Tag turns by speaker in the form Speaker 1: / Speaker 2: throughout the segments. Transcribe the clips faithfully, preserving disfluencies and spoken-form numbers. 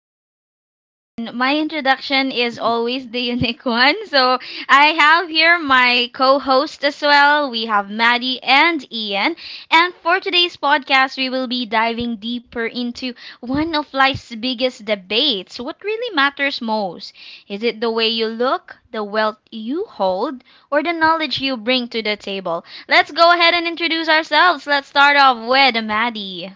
Speaker 1: energetic one. My introduction is always the unique one. So, I have here my co host as well. We have Maddie and Ian. And for today's podcast, we will be diving deeper into one of life's biggest debates: what really matters most? Is it the way you look, the wealth you hold, or the knowledge you bring to the table? Let's go ahead and introduce ourselves. Let's start off with Maddie.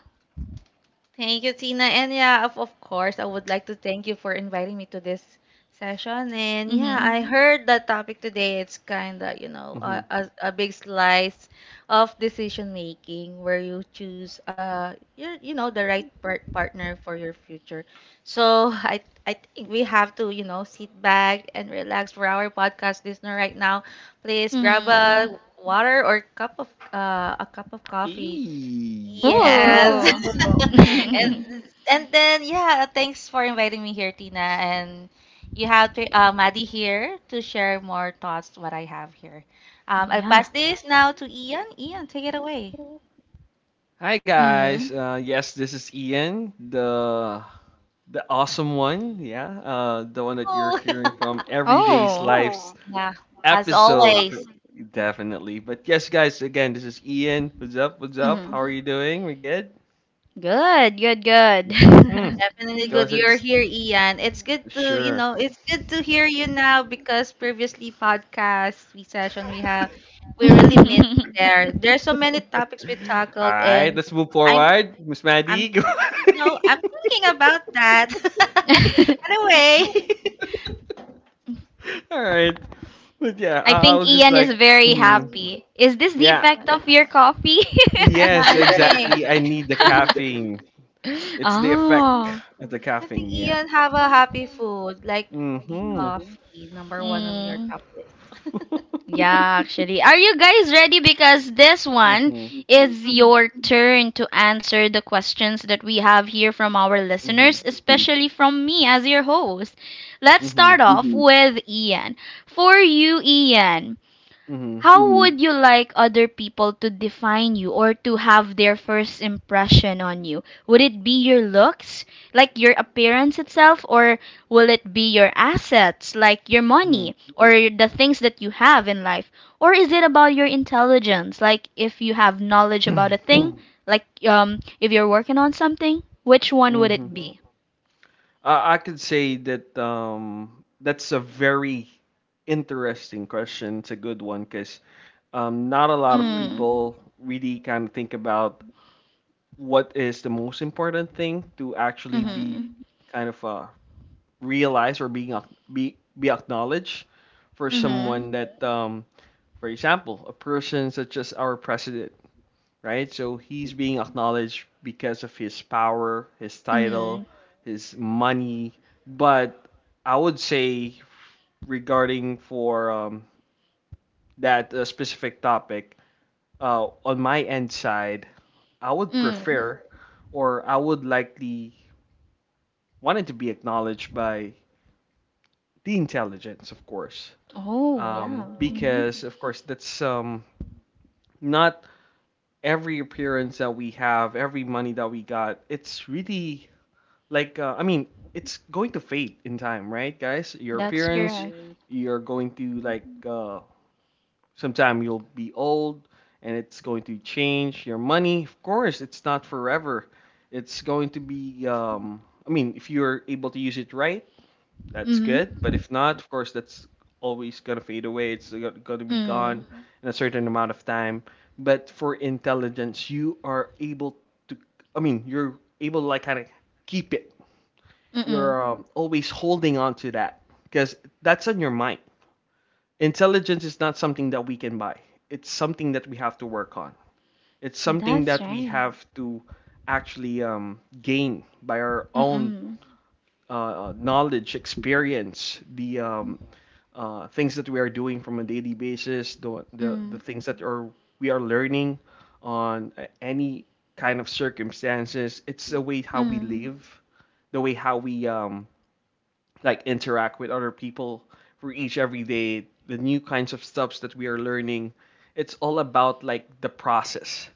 Speaker 2: Thank you, Tina. And yeah, of, of course, I would like to thank you for inviting me to this session. And yeah, I
Speaker 1: Mm-hmm.
Speaker 2: heard the topic today. It's kind of, you know, a,
Speaker 3: Mm-hmm.
Speaker 2: a, a big slice of decision making where you choose, uh, you you know, the right par- partner for your future. So I, I think we have to, you know, sit back and relax for our podcast listener right now. Please grab a
Speaker 1: Mm-hmm.
Speaker 2: water or cup of, uh, a cup of coffee
Speaker 3: E.
Speaker 2: yeah.
Speaker 1: Ooh.
Speaker 2: Yes. And
Speaker 3: Ooh.
Speaker 2: and then yeah, thanks for inviting me here, Tina. And you have to, uh, Maddie here to share more thoughts what I have here. Um, I'll
Speaker 1: yeah.
Speaker 2: pass this now to Ian. Ian, take it away.
Speaker 3: Hi
Speaker 1: Mm-hmm.
Speaker 3: guys. Uh, yes, this is Ian, the the awesome one. Yeah, uh, the one that you're
Speaker 2: Oh,
Speaker 3: hearing from Everyday's
Speaker 1: Oh.
Speaker 3: Life's Oh,
Speaker 2: yeah. As
Speaker 3: episode. For,
Speaker 2: always,
Speaker 3: definitely. But yes, guys. Again, this is Ian. What's up? What's up? How
Speaker 1: Mm.
Speaker 3: are you doing? We good?
Speaker 1: Good, good, good.
Speaker 2: we're
Speaker 3: Hmm Let's
Speaker 2: definitely
Speaker 3: go.
Speaker 2: good. You're
Speaker 3: Is
Speaker 2: here, Ian. It's good to you
Speaker 3: sure?
Speaker 2: know. It's good to hear you now because previously podcast we session we have, we really miss you there. There's so many topics we
Speaker 3: All
Speaker 2: tackled,
Speaker 3: right.
Speaker 2: and
Speaker 3: Let's move
Speaker 2: I'm.
Speaker 3: forward. Miss
Speaker 2: I'm
Speaker 3: Maddie.
Speaker 2: No, I'm thinking about that. Anyway,
Speaker 3: All right. But yeah,
Speaker 1: I
Speaker 3: I, I
Speaker 1: think
Speaker 3: was just
Speaker 1: Ian
Speaker 3: like,
Speaker 1: is very
Speaker 3: mhm.
Speaker 1: happy. Is this the
Speaker 3: yeah,
Speaker 1: effect of your coffee?
Speaker 2: yeah,
Speaker 3: Yes,
Speaker 2: I think
Speaker 3: exactly. I need the caffeine. It's the effect
Speaker 1: oh.
Speaker 3: of the
Speaker 2: I think
Speaker 3: caffeine, yeah.
Speaker 2: Ian have a happy food like the
Speaker 3: Mm-hmm.
Speaker 2: coffee, number one of your
Speaker 1: Mm.
Speaker 2: top list.
Speaker 1: Yeah, actually. Are you guys ready? Because this one
Speaker 3: Mm-hmm.
Speaker 1: is
Speaker 2: Mhm.
Speaker 1: your turn to answer the questions that we have here from our listeners,
Speaker 3: Mm-hmm.
Speaker 1: especially from me as your host. Let's
Speaker 3: Mm-hmm.
Speaker 1: start off with Ian. For you, Ian, how would you like other people to define you or to have their first impression on you? Would it be your looks, like your appearance itself, or will it be your assets, like your
Speaker 3: Mm-hmm.
Speaker 1: money or the things that you have in life? Or is it about your intelligence, like if you have knowledge about a thing, like um if you're working on something? Which one would
Speaker 3: Mm-hmm.
Speaker 1: it be?
Speaker 3: Uh, I could say that um that's a very interesting question. It's a good one because um not a lot of
Speaker 1: Mm.
Speaker 3: people really kind of think about what is the most important thing to actually be
Speaker 1: Mhm.
Speaker 3: kind of uh, realized or being ac- be be acknowledged for
Speaker 1: Mhm.
Speaker 3: someone that um for example, a person such as our president, right? So he's being acknowledged because of his power, his title,
Speaker 1: Mhm.
Speaker 3: his money. But I would say regarding for um, that uh, specific topic, uh, on my end side, I would
Speaker 1: Mm.
Speaker 3: prefer or I would likely want it to be acknowledged by the intelligence, of course,
Speaker 1: Oh, yeah.
Speaker 3: um,
Speaker 1: Hmm.
Speaker 3: because of course that's um, not every appearance that we have, every money that we got. It's really like uh, I mean, it's going to fade in time, right, guys? Your
Speaker 1: That's
Speaker 3: appearance,
Speaker 1: correct.
Speaker 3: you're going to like uh, sometime you'll be old, and it's going to change your money. Of course, it's not forever. It's going to be um, I mean, if you're able to use it right, that's
Speaker 1: Mm
Speaker 3: good. But
Speaker 1: hmm.
Speaker 3: if not, of course, that's always gonna fade away. It's gonna be
Speaker 1: Mm.
Speaker 3: gone in a certain amount of time. But for intelligence, you are able to. I mean, you're able to like kind of keep it.
Speaker 1: Mm-mm.
Speaker 3: You're um, always holding on to that because that's on your mind. Intelligence is not something that we can buy. It's something that we have to work on. It's something
Speaker 1: That's
Speaker 3: that we
Speaker 1: right.
Speaker 3: have to actually um, gain by our own
Speaker 1: Mm-mm.
Speaker 3: uh, knowledge, experience, the um, uh, things that we are doing from a daily basis, the the, the
Speaker 1: Mm.
Speaker 3: things that are we are learning on a- any kind of circumstances. It's the way how we
Speaker 1: Mm.
Speaker 3: live, the way how we um, like interact with other people for each every day, the new kinds of stuffs that we are learning. It's all about like the process.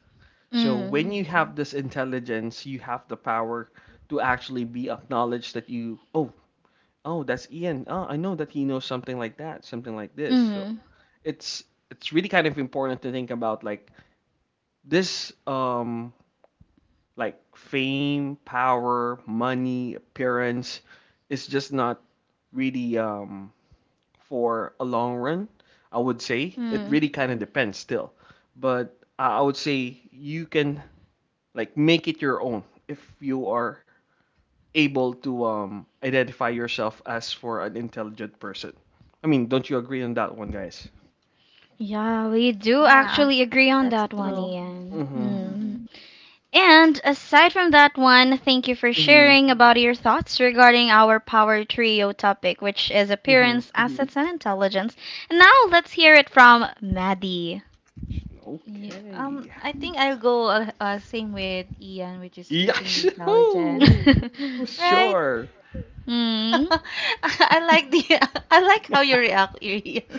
Speaker 3: So when
Speaker 1: Mm.
Speaker 3: you have this intelligence, you have the power to actually be acknowledged that you, oh, oh, that's Ian. Oh, I know that he knows something like that, something like this. So
Speaker 1: Mm.
Speaker 3: it's it's really kind of important to think about like this um like fame, power, money, appearance is just not really um for a long run, I would say. It
Speaker 1: Mm.
Speaker 3: really kind of depends still. But I I would say you can like make it your own if you are able to um, identify yourself as for an intelligent person. I mean, don't you agree on that one, guys?
Speaker 1: Yeah, we do
Speaker 2: Yeah,
Speaker 1: actually agree on
Speaker 2: that's
Speaker 1: that one,
Speaker 2: true.
Speaker 1: Ian.
Speaker 3: Mm-hmm.
Speaker 2: Hmm
Speaker 1: Mm. And aside from that one, thank you for
Speaker 3: Mm-hmm.
Speaker 1: sharing about your thoughts regarding our power trio topic, which is
Speaker 3: Mm-hmm.
Speaker 1: appearance, assets, and intelligence. And now let's hear it from Maddie.
Speaker 2: Yeah. Um,
Speaker 3: Okay.
Speaker 2: I think I'll go uh, uh, same with Ian, which is choosing the
Speaker 3: Yes.
Speaker 2: intelligence, right?
Speaker 3: Sure.
Speaker 1: mm.
Speaker 2: I like the I like how you react, Ian.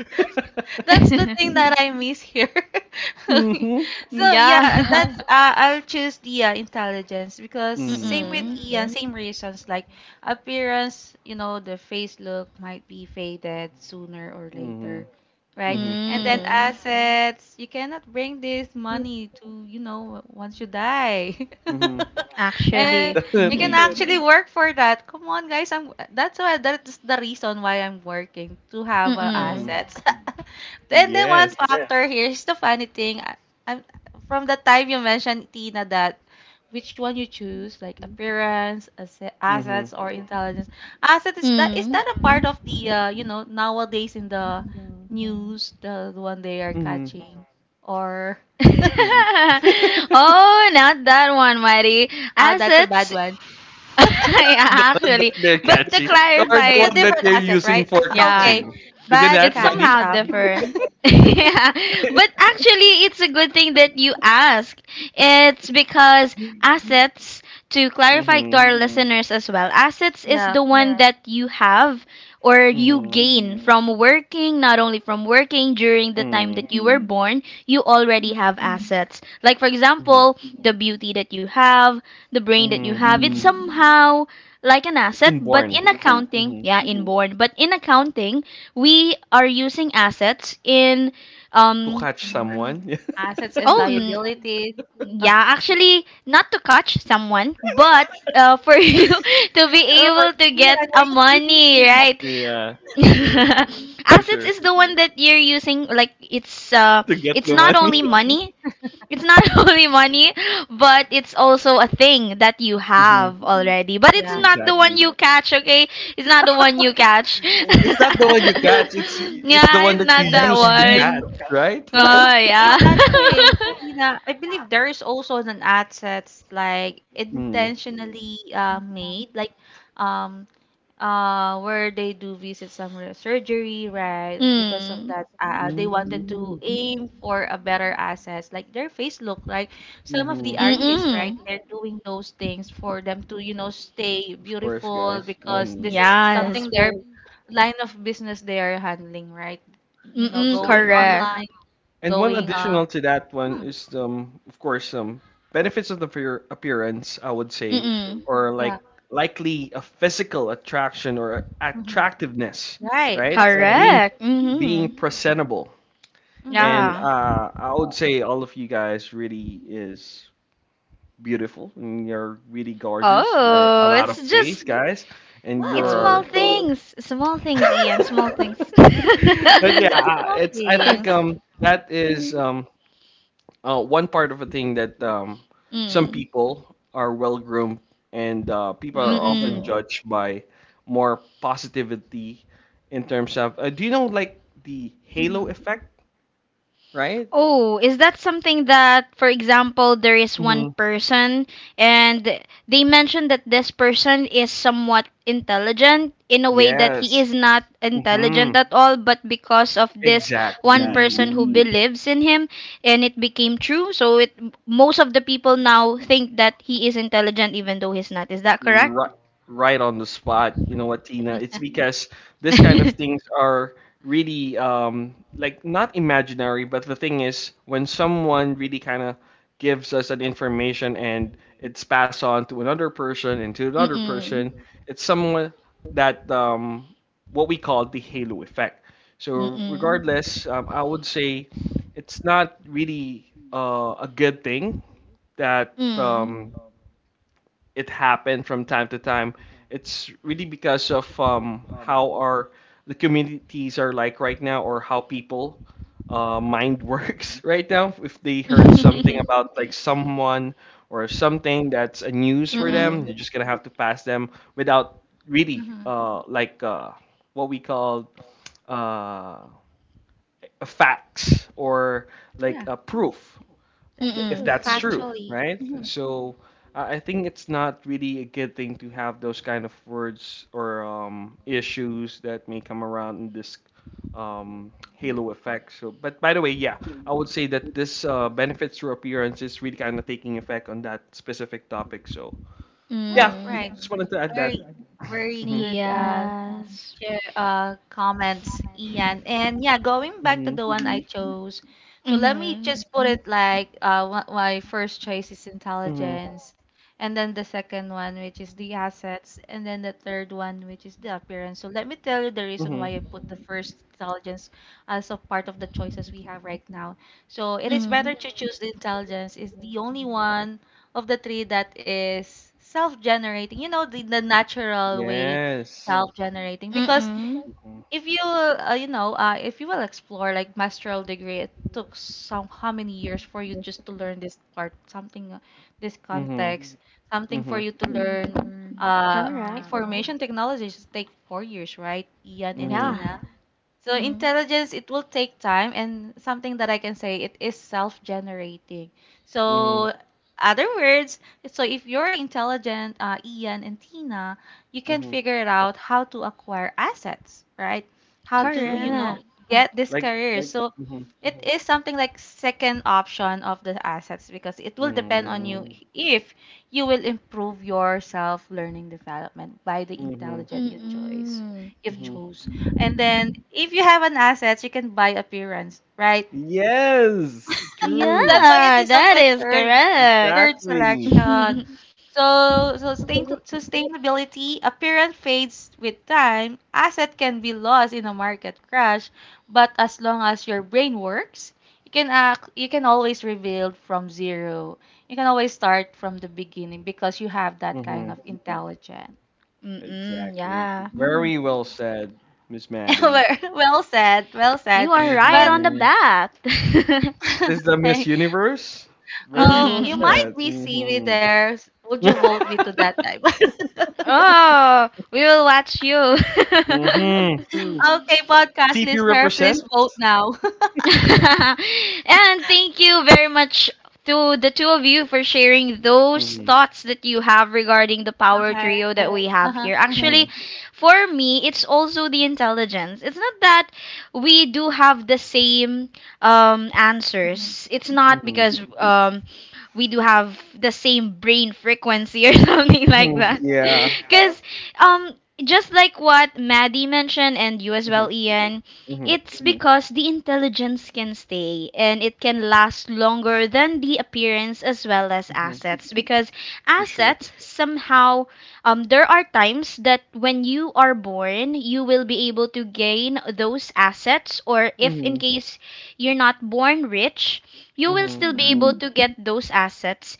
Speaker 2: That's the thing that I miss here.
Speaker 3: Mm-hmm.
Speaker 2: So yeah,
Speaker 1: Yeah.
Speaker 2: that's yeah. uh, I'll choose the uh, intelligence because
Speaker 3: Mm.
Speaker 2: same with
Speaker 1: Mm-mm.
Speaker 2: Ian, same reasons like appearance. You know, the face look might be faded sooner or
Speaker 3: Mm-hmm.
Speaker 2: later, right?
Speaker 3: Mm-hmm.
Speaker 2: And then
Speaker 1: Mm.
Speaker 2: assets, you cannot bring this money to you know once you die.
Speaker 3: Mm-hmm.
Speaker 2: And
Speaker 1: Actually.
Speaker 2: you can
Speaker 1: Mm-hmm.
Speaker 3: Definitely.
Speaker 2: actually totally work for that. Come on, guys. I'm that's why that's the reason why I'm working to have uh,
Speaker 3: Mm-hmm.
Speaker 1: Mm-mm.
Speaker 2: assets. And then one
Speaker 3: Yes.
Speaker 2: yeah factor here is the funny thing. I, I'm from the time you mentioned Tina that which one you choose, like appearance, asse-
Speaker 3: Mm-hmm.
Speaker 2: assets, or intelligence. Asset is that is
Speaker 1: Mm.
Speaker 2: that a part of the uh, you know nowadays in the news the, the one they are
Speaker 3: Mm-hmm.
Speaker 2: catching or
Speaker 3: Mm-hmm.
Speaker 1: Oh, not that one, Mari.
Speaker 2: oh that's a bad
Speaker 1: Assets.
Speaker 2: one.
Speaker 1: Yeah,
Speaker 3: The one
Speaker 1: actually.
Speaker 3: that they're
Speaker 1: But to
Speaker 3: catching, or
Speaker 1: clarify
Speaker 3: the
Speaker 2: That's a
Speaker 3: one that
Speaker 1: it,
Speaker 2: different
Speaker 3: they're
Speaker 2: asset,
Speaker 3: using
Speaker 2: right?
Speaker 3: for
Speaker 1: yeah.
Speaker 2: Okay,
Speaker 3: catching. Isn't
Speaker 2: bad
Speaker 1: It's
Speaker 3: that
Speaker 2: catch
Speaker 3: money?
Speaker 1: somehow
Speaker 2: up.
Speaker 1: different.
Speaker 3: Mm-hmm.
Speaker 1: yeah. But actually, it's a good thing that you ask. It's because assets, to clarify to our
Speaker 3: Mm-hmm.
Speaker 1: Mm-hmm. listeners as well, assets is
Speaker 2: Yeah.
Speaker 1: the one Yeah. that you have or you gain
Speaker 3: Mm-hmm.
Speaker 1: Mm-hmm. from working, not only from working during the time that you were Mm-hmm. born, you already
Speaker 2: Mhm.
Speaker 1: have assets. Like, for
Speaker 3: Mm-hmm.
Speaker 1: example, the beauty that you have, the brain that you
Speaker 3: Mm-hmm.
Speaker 1: have, it's Mm-hmm.
Speaker 2: Mhm.
Speaker 1: somehow like an asset, but
Speaker 3: Inborn.
Speaker 1: in accounting,
Speaker 3: Mm-hmm.
Speaker 1: yeah, inborn, but in accounting, we are using assets in
Speaker 3: To
Speaker 1: um
Speaker 3: catch
Speaker 2: Mhm.
Speaker 3: someone.
Speaker 2: Assets and
Speaker 1: oh n-
Speaker 2: liabilities. Oh,
Speaker 1: yeah, actually, not to catch someone, but uh, for you to
Speaker 2: or
Speaker 1: be able to
Speaker 2: yeah,
Speaker 1: get a
Speaker 2: are you thinking
Speaker 1: money,
Speaker 2: Tina?
Speaker 1: right?
Speaker 3: Yeah, for sure. For
Speaker 1: Assets
Speaker 3: sure.
Speaker 1: is the one that you're using, like, it's uh
Speaker 3: To get
Speaker 1: it's
Speaker 3: the
Speaker 1: not only
Speaker 3: money.
Speaker 1: money, it's not only money, but it's also a thing that you
Speaker 3: Mm-hmm.
Speaker 1: have already. But it's
Speaker 2: Yeah.
Speaker 1: not the one
Speaker 3: Exactly.
Speaker 1: you catch, okay? It's not the one you catch.
Speaker 3: And it's not the one you catch, it's it's the
Speaker 1: yeah,
Speaker 3: one
Speaker 1: it's
Speaker 3: that you
Speaker 1: not that
Speaker 3: use to
Speaker 1: one.
Speaker 3: catch, right?
Speaker 2: Um,
Speaker 1: Oh, yeah.
Speaker 2: in that case, Tina, I believe there is also an ad sets like
Speaker 3: Mm.
Speaker 2: intentionally uh, made, like um uh where they do visit some re- surgery right because of
Speaker 1: mm.
Speaker 2: that uh, they wanted
Speaker 3: Mm-hmm.
Speaker 2: to aim for a better assets like their face look like some of the artists
Speaker 1: Mm-mm.
Speaker 2: right they're doing those things for them to you know stay
Speaker 3: Of course,
Speaker 2: beautiful
Speaker 3: guys.
Speaker 2: because
Speaker 3: Mm-hmm.
Speaker 2: this is yeah,
Speaker 1: Yes.
Speaker 2: something their line of business they are handling right you know
Speaker 1: Mm-mm,
Speaker 2: going
Speaker 3: Absolutely.
Speaker 1: correct.
Speaker 2: online
Speaker 3: And one
Speaker 2: going uh
Speaker 3: additional to that one
Speaker 2: hmm,
Speaker 3: is um of course um benefits of the fear appearance, I would say,
Speaker 1: Mm-mm.
Speaker 3: or
Speaker 2: yeah
Speaker 3: like likely a physical attraction or
Speaker 2: mhm.
Speaker 3: attractiveness,
Speaker 2: Right
Speaker 3: right?
Speaker 2: that's
Speaker 3: Uh,
Speaker 2: true
Speaker 3: being
Speaker 1: Correct. Mm-hmm.
Speaker 3: being presentable,
Speaker 2: mm-hmm.
Speaker 3: and
Speaker 1: Yeah.
Speaker 3: uh, I would say all of you guys really is beautiful and you're really gorgeous by a
Speaker 1: Oh,
Speaker 3: lot
Speaker 1: it's
Speaker 3: of ways,
Speaker 1: just
Speaker 3: guys, and
Speaker 1: It's small
Speaker 2: Whoa
Speaker 3: you're
Speaker 1: things. Small things, Ian. Small things.
Speaker 3: but yeah,
Speaker 2: that's
Speaker 3: uh,
Speaker 2: small
Speaker 3: it's I think
Speaker 2: things
Speaker 3: um that is
Speaker 1: mm.
Speaker 3: um uh, one part of a thing that um, some
Speaker 1: Mm.
Speaker 3: people are well groomed, and uh, people are often
Speaker 1: mm.
Speaker 3: judged by more positivity in terms of uh, do you know like the
Speaker 2: mm-hmm.
Speaker 3: halo effect, right?
Speaker 1: Oh, is that something that, for example, there is one
Speaker 3: hmm
Speaker 1: person and they mentioned that this person is somewhat intelligent in a way that he
Speaker 3: yes
Speaker 1: is not
Speaker 3: hmm
Speaker 1: intelligent at all, but because of this one
Speaker 3: exactly
Speaker 1: person who believes in him and it became true, so it most of the people now think that he is intelligent even though he's not. Is that correct?
Speaker 3: Right, right on the spot. You know what, Tina? It's because this kind of things are really um like not imaginary, but the thing is when someone really kind of gives us an information and it's passed on to another person and to another
Speaker 1: Mm-mm.
Speaker 3: person, it's someone that um what we call the halo effect. So
Speaker 1: Mm-mm.
Speaker 3: regardless, um, I would say it's not really uh, a good thing that
Speaker 1: Mm.
Speaker 3: um it happen from time to time, it's really because of um, how our the communities are like right now, or how people uh, mind works right now. If they heard something about like someone or something that's a news for
Speaker 1: Mm-mm.
Speaker 3: them, you're just gonna have to pass them without really
Speaker 2: Mm-hmm.
Speaker 3: uh, like uh, what we call uh, a facts or like
Speaker 2: Yeah.
Speaker 3: a proof
Speaker 2: That's
Speaker 3: th- if
Speaker 1: Mm-mm.
Speaker 2: true.
Speaker 3: that's true,
Speaker 2: Factual.
Speaker 3: right? So uh, I think it's not really a good thing to have those kind of words or um, issues that may come around in this um, halo effect. So, but by the way, yeah, I would say that this uh, benefits through appearance is really kind of taking effect on that specific topic. So
Speaker 2: Right,
Speaker 3: yeah,
Speaker 1: Mm.
Speaker 2: right.
Speaker 3: just wanted to
Speaker 2: Mhm.
Speaker 3: add
Speaker 2: Very,
Speaker 3: that.
Speaker 2: very good uh,
Speaker 1: Yes.
Speaker 2: share uh comments, Ian. And yeah, going
Speaker 3: hmm
Speaker 2: back to
Speaker 3: hmm
Speaker 2: the one I mm-hmm chose. So let me
Speaker 1: Mm-hmm.
Speaker 2: just put it like uh wha- my first choice is intelligence, and then the second one which is the assets, and then the third one which is the appearance. So let me tell you the
Speaker 3: hmm
Speaker 2: reason
Speaker 3: hmm
Speaker 2: why I put the first intelligence as a part of the choices we have right now. So it is
Speaker 1: Mm.
Speaker 2: better to choose the intelligence. It's the only one of the three that is self-generating. You know, the, the natural way
Speaker 3: Yes.
Speaker 2: self-generating because
Speaker 1: Mm-mm.
Speaker 3: Mm-hmm.
Speaker 2: if you uh, you know uh, if you will explore like master's degree it took some how many years for you just to learn this part something uh, this
Speaker 3: Mm-hmm.
Speaker 2: context something
Speaker 3: Mm-hmm.
Speaker 2: for you to learn uh
Speaker 1: Correct.
Speaker 2: information technologies take four years right Ian and
Speaker 3: Mm-hmm.
Speaker 1: Yeah.
Speaker 2: Tina. So
Speaker 1: Mm.
Speaker 2: intelligence, it will take time, and something that I can say, it is self-generating.
Speaker 3: Mm-hmm.
Speaker 2: So other words, so if you're intelligent, uh, Ian and Tina, you can
Speaker 3: Mm-hmm.
Speaker 2: figure it out how to acquire assets, right? How
Speaker 3: For
Speaker 2: to, you
Speaker 3: sure.
Speaker 2: know,
Speaker 1: Correct.
Speaker 2: right, get this
Speaker 3: Like.
Speaker 2: career. Like, so
Speaker 3: Mm-hmm.
Speaker 2: it is something like second option of the assets because it will depend on you mm,
Speaker 3: Mm,
Speaker 2: if you will improve your self-learning development by the
Speaker 3: mhm,
Speaker 2: intelligent you choice
Speaker 1: Mm-mm.
Speaker 2: you've
Speaker 3: mhm.
Speaker 2: chose. And then if you have an asset, you can buy appearance, right?
Speaker 3: Yes,
Speaker 1: Yeah,
Speaker 2: That's
Speaker 3: true.
Speaker 2: why it is on
Speaker 1: that
Speaker 2: my
Speaker 1: is
Speaker 2: third
Speaker 1: correct.
Speaker 2: third
Speaker 3: Exactly.
Speaker 1: Mm-mm.
Speaker 2: selection. So, so sustain, sustainability appearance fades with time. Asset can be lost in a market crash, but as long as your brain works, you can act, you can always rebuild from zero. You can always start from the beginning because you have that kind of
Speaker 3: Mhm.
Speaker 2: intelligence.
Speaker 3: Exactly.
Speaker 1: Yeah.
Speaker 2: Mm.
Speaker 3: Very well said, Miss
Speaker 2: Well
Speaker 3: Maddie.
Speaker 2: well said, well
Speaker 1: You
Speaker 2: said.
Speaker 1: are right
Speaker 2: But
Speaker 1: on the
Speaker 3: Mhm.
Speaker 1: bat.
Speaker 3: This is the Miss
Speaker 2: okay,
Speaker 3: Universe. Very
Speaker 2: Um,
Speaker 3: well
Speaker 2: you might
Speaker 3: said.
Speaker 2: be see me
Speaker 3: Mhm.
Speaker 2: there. Would you vote me to that time?
Speaker 1: Oh, we will watch you.
Speaker 3: mhm. T P
Speaker 2: Okay, podcast listener, please vote
Speaker 3: represents.
Speaker 2: now.
Speaker 1: and thank you very much to the two of you for sharing those
Speaker 3: Mhm.
Speaker 1: thoughts that you have regarding the power
Speaker 2: Okay.
Speaker 1: trio that we have
Speaker 2: Uh-huh.
Speaker 1: here. Actually,
Speaker 3: Mhm.
Speaker 1: for me, it's also the intelligence. It's not that we do have the same um,
Speaker 2: Mm-hmm.
Speaker 1: answers. It's not
Speaker 3: Mhm.
Speaker 1: because um, we do have the same brain frequency or something like
Speaker 3: Mhm.
Speaker 1: that.
Speaker 3: Yeah.
Speaker 1: Because um, just like what Maddie mentioned and you as well,
Speaker 3: Mhm.
Speaker 1: Ian,
Speaker 3: Mhm.
Speaker 1: it's because the intelligence can stay and it can last longer than the appearance as well as
Speaker 3: Mhm.
Speaker 1: assets. Because
Speaker 3: For sure.
Speaker 1: assets, somehow, um, there are times that when you are born, you will be able to gain those assets, or if in
Speaker 3: Mhm.
Speaker 1: case you're not born rich, you will
Speaker 3: Mhm.
Speaker 1: still be
Speaker 2: Mm-hmm.
Speaker 1: able to get those assets.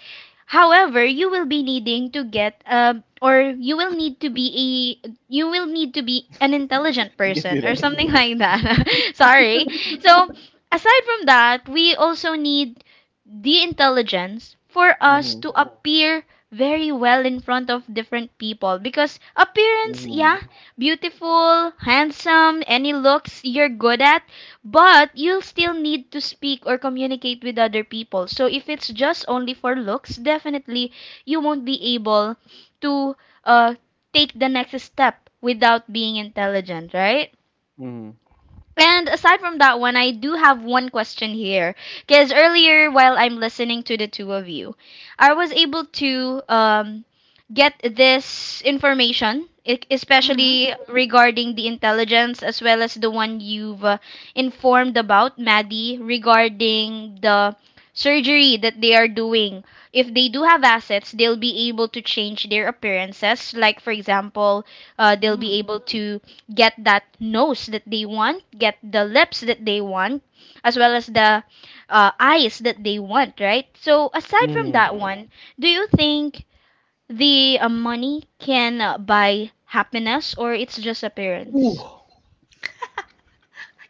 Speaker 1: However, you will be needing to get um or you will need to be a you will need to be an intelligent
Speaker 3: You can do
Speaker 1: person or
Speaker 3: that.
Speaker 1: something like that. Sorry. So, aside from that, we also need the intelligence for us
Speaker 3: Mhm.
Speaker 1: to appear very well in front of different people because appearance,
Speaker 3: Mhm.
Speaker 1: yeah, beautiful, handsome, any looks you're good at, but you'll still need to speak or communicate with other people. So if it's just only for looks, definitely you won't be able to uh, take the next step without being intelligent, right?
Speaker 3: Mhm.
Speaker 1: And aside from that one, I do have one question here. Because earlier, while I'm listening to the two of you, I was able to um, get this information, e- especially regarding the intelligence, as well as the one you've uh, informed about, Maddie, regarding the surgery that they are doing. If they do have assets, they'll be able to change their appearances. Like, for example, uh, they'll
Speaker 2: Mm-hmm.
Speaker 1: be able to get that nose that they want, get the lips that they want, as well as the uh, eyes that they want, right? So, aside from
Speaker 3: Mhm.
Speaker 1: that one, do you think the uh, money can uh, buy happiness, or it's just appearance?
Speaker 3: Ooh.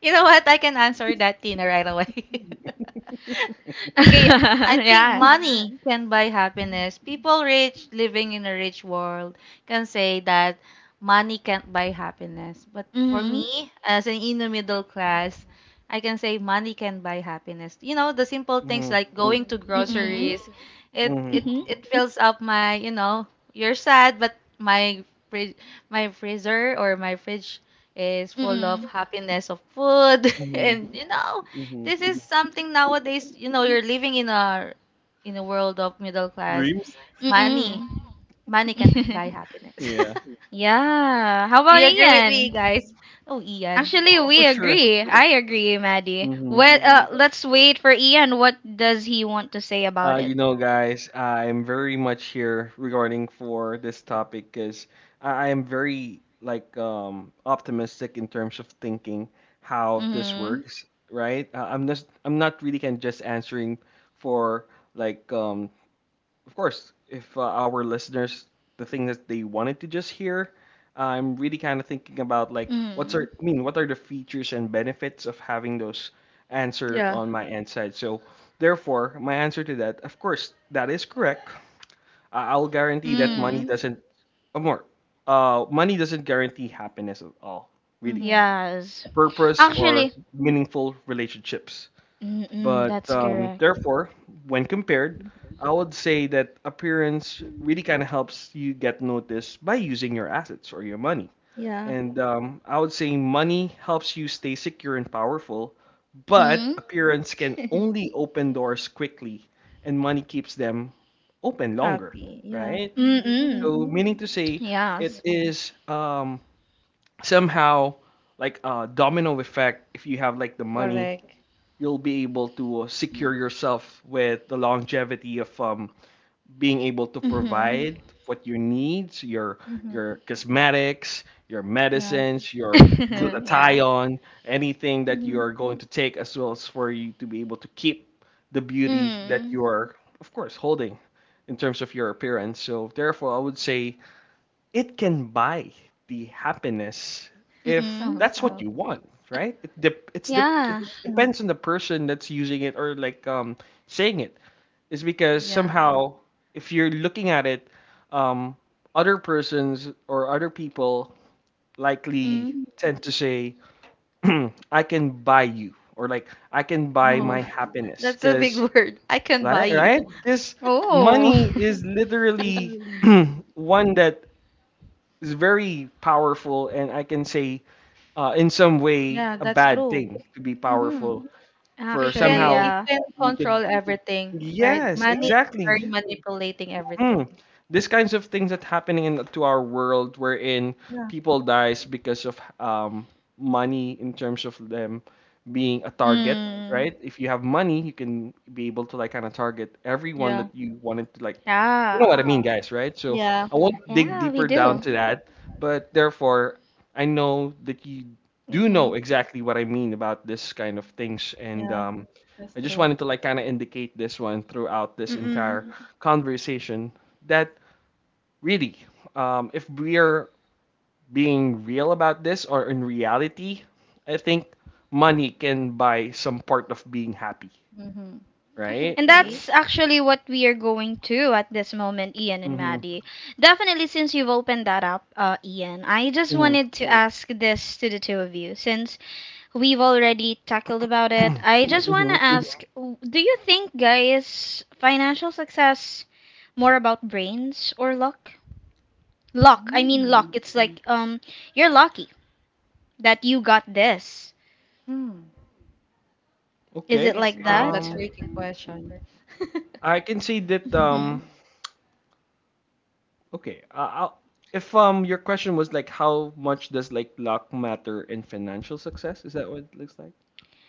Speaker 2: You
Speaker 3: So
Speaker 2: know what? I can answer that Tina right away. Okay, I think
Speaker 1: yeah.
Speaker 2: money can buy happiness. People rich living in a rich world can say that money can't buy happiness. But for
Speaker 1: Mm-hmm.
Speaker 2: me, as an inner middle class, I can say money can buy happiness. You know, the simple things
Speaker 3: Mhm,
Speaker 2: like going to
Speaker 1: Mm-mm.
Speaker 2: groceries, it
Speaker 3: mhm,
Speaker 2: it
Speaker 1: Mm-hmm.
Speaker 2: it fills up my, you know, you're sad, but my fridge, my freezer or my fridge is full of
Speaker 1: Mm-mm.
Speaker 2: happiness of food
Speaker 3: mhm,
Speaker 2: and you know
Speaker 3: mhm.
Speaker 2: this is something nowadays, you know, you're living in a in a world of middle class.
Speaker 3: Dreams?
Speaker 2: Money.
Speaker 1: Mm-mm.
Speaker 2: Money can h- buy happiness.
Speaker 3: Yeah.
Speaker 1: yeah. How
Speaker 2: Do
Speaker 1: about
Speaker 2: you
Speaker 3: Mhm.
Speaker 2: agree with me,
Speaker 1: Ian?
Speaker 2: guys? Oh, Ian.
Speaker 1: Actually,
Speaker 3: Oh,
Speaker 1: we
Speaker 3: for sure.
Speaker 1: agree. I agree, Maddie.
Speaker 3: Mhm.
Speaker 1: Well, uh, let's wait for Ian. What does he want to say about
Speaker 3: Uh,
Speaker 1: it?
Speaker 3: you know, guys, I'm very much here regarding for this topic because I, I am very like um optimistic in terms of thinking how this
Speaker 1: Mm-hmm.
Speaker 3: works, right? Uh, I'm just I'm not really can just answering for like um of course, if uh, our listeners, the thing that they wanted to just hear, I'm really kind of thinking about like what's
Speaker 1: Mm-hmm.
Speaker 3: our, I mean, what are the features and benefits of having those answer
Speaker 2: Yeah.
Speaker 3: on my end side. So therefore, my answer to that, of course, that is correct. I- I'll guarantee that money
Speaker 1: Mm-hmm.
Speaker 3: doesn't, or more, uh, money doesn't guarantee happiness at all, really.
Speaker 2: Mm-hmm.
Speaker 1: Yes.
Speaker 3: A purpose or
Speaker 1: Actually,
Speaker 3: meaningful relationships.
Speaker 1: mm-mm,
Speaker 3: But
Speaker 1: that's
Speaker 3: um,
Speaker 1: correct.
Speaker 3: therefore, when compared, I would say that appearance really kind of helps you get noticed by using your assets or your money.
Speaker 2: Yeah.
Speaker 3: And um, I would say money helps you stay secure and powerful, but
Speaker 1: Mm.
Speaker 3: appearance can only open doors quickly, and money keeps them open longer,
Speaker 2: Happy. Yeah.
Speaker 3: right?
Speaker 1: Mm-mm.
Speaker 3: So,
Speaker 2: Mm-hmm.
Speaker 3: meaning to say, it
Speaker 1: Yes.
Speaker 3: is um, somehow like a domino effect. If you have like the money,
Speaker 2: Correct.
Speaker 3: you'll be able to uh, secure yourself with the longevity of um, being able to
Speaker 1: Mm-hmm.
Speaker 3: provide what you need, your
Speaker 2: Mm-hmm.
Speaker 3: your cosmetics, your
Speaker 2: Yeah.
Speaker 3: medicines, your
Speaker 1: yeah.
Speaker 3: glutathione, anything that you
Speaker 2: Mm-hmm.
Speaker 3: are going to take, as well as for you to be able to keep the beauty that
Speaker 1: Mm.
Speaker 3: you are, of course, holding in terms of your appearance. So therefore, I would say it can buy the happiness if
Speaker 1: Mm-mm.
Speaker 3: that's what
Speaker 2: Somehow.
Speaker 3: you want, right? It dep it's dep it
Speaker 1: Yeah.
Speaker 3: depends on the person that's using it or like um saying it. Is because
Speaker 2: Yeah.
Speaker 3: somehow if you're looking at it um other persons or other people likely
Speaker 1: Mm.
Speaker 3: tend to say I can buy you, or like I can buy my
Speaker 2: Oh,
Speaker 3: happiness
Speaker 2: that's a big
Speaker 3: because
Speaker 2: word. I can buy
Speaker 3: right right
Speaker 2: you.
Speaker 3: because
Speaker 1: Oh.
Speaker 3: money is literally one that is very powerful, and I can say, uh, in some way,
Speaker 2: Yeah,
Speaker 3: a
Speaker 2: that's
Speaker 3: bad
Speaker 2: true.
Speaker 3: thing to be
Speaker 2: Mm-hmm.
Speaker 3: powerful. For
Speaker 2: It can
Speaker 1: Actually,
Speaker 3: somehow
Speaker 2: it
Speaker 1: yeah.
Speaker 2: can
Speaker 3: you could,
Speaker 2: control everything, right?
Speaker 3: yes,
Speaker 2: Money is
Speaker 3: exactly.
Speaker 2: very manipulating
Speaker 3: Hmm.
Speaker 2: everything.
Speaker 3: These kinds of things that happening in to our world wherein people dies because of um, money in terms of them being a target,
Speaker 1: Mm.
Speaker 3: right? If you have money, you can be able to like kind of target everyone
Speaker 2: Yeah.
Speaker 3: that you wanted to like, you know what
Speaker 1: Yeah.
Speaker 3: I mean, guys, right? So
Speaker 2: Yeah.
Speaker 3: I won't dig
Speaker 1: Yeah, we
Speaker 3: deeper down to
Speaker 1: do.
Speaker 3: that, but therefore I know that you do
Speaker 2: Mm-hmm.
Speaker 3: know exactly what I mean about this kind of things, and
Speaker 2: Yeah,
Speaker 3: um,
Speaker 2: that's
Speaker 3: I just
Speaker 2: true.
Speaker 3: wanted to like kind of indicate this one throughout this entire
Speaker 1: Mm-mm.
Speaker 3: conversation that really, um, if we are being real about this or in reality, I think money can buy some part of being happy,
Speaker 2: Mm-hmm.
Speaker 3: right?
Speaker 1: And
Speaker 2: Okay.
Speaker 1: that's actually what we are going to at this moment, Ian and
Speaker 3: Mm-hmm.
Speaker 1: Maddie. Definitely, since you've opened that up, uh, Ian, I just
Speaker 3: Mm-hmm.
Speaker 1: wanted to ask this to the two of you. Since we've already tackled about it, I just want
Speaker 3: mm-hmm.
Speaker 1: to ask, w- do you think, guys, financial success more about brains or luck? Luck. I mean, luck.
Speaker 2: Mm.
Speaker 1: It's like, um, you're lucky that you got this.
Speaker 2: Hmm.
Speaker 1: Is it
Speaker 3: Okay.
Speaker 2: It's
Speaker 1: like
Speaker 2: kind of a
Speaker 1: that?
Speaker 3: Um,
Speaker 2: tricky question.
Speaker 3: I can say that.
Speaker 1: Hmm.
Speaker 3: Um, okay. Uh, I'll, if um your question was like how much does like luck matter in financial success? Is that what it looks like?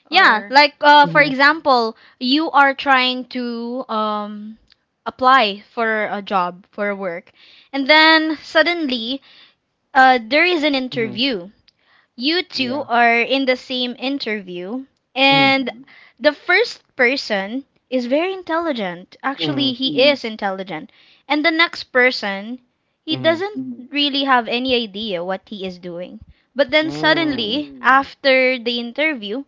Speaker 1: Yeah,
Speaker 2: Or,
Speaker 1: like, uh, for
Speaker 3: Mm-hmm.
Speaker 1: example, you are trying to um, apply for a job, for work, and then suddenly uh, there is an
Speaker 3: Mm-hmm.
Speaker 1: interview. You two
Speaker 3: Yeah.
Speaker 1: are in the same interview, and
Speaker 2: mm-hmm.
Speaker 1: the first person is very intelligent. Actually,
Speaker 3: Mhm,
Speaker 1: he Mm, is intelligent. And the next person, he mm,
Speaker 3: mhm,
Speaker 1: doesn't really have any idea what he is doing. But then
Speaker 3: mm,
Speaker 1: suddenly, mm, after the interview,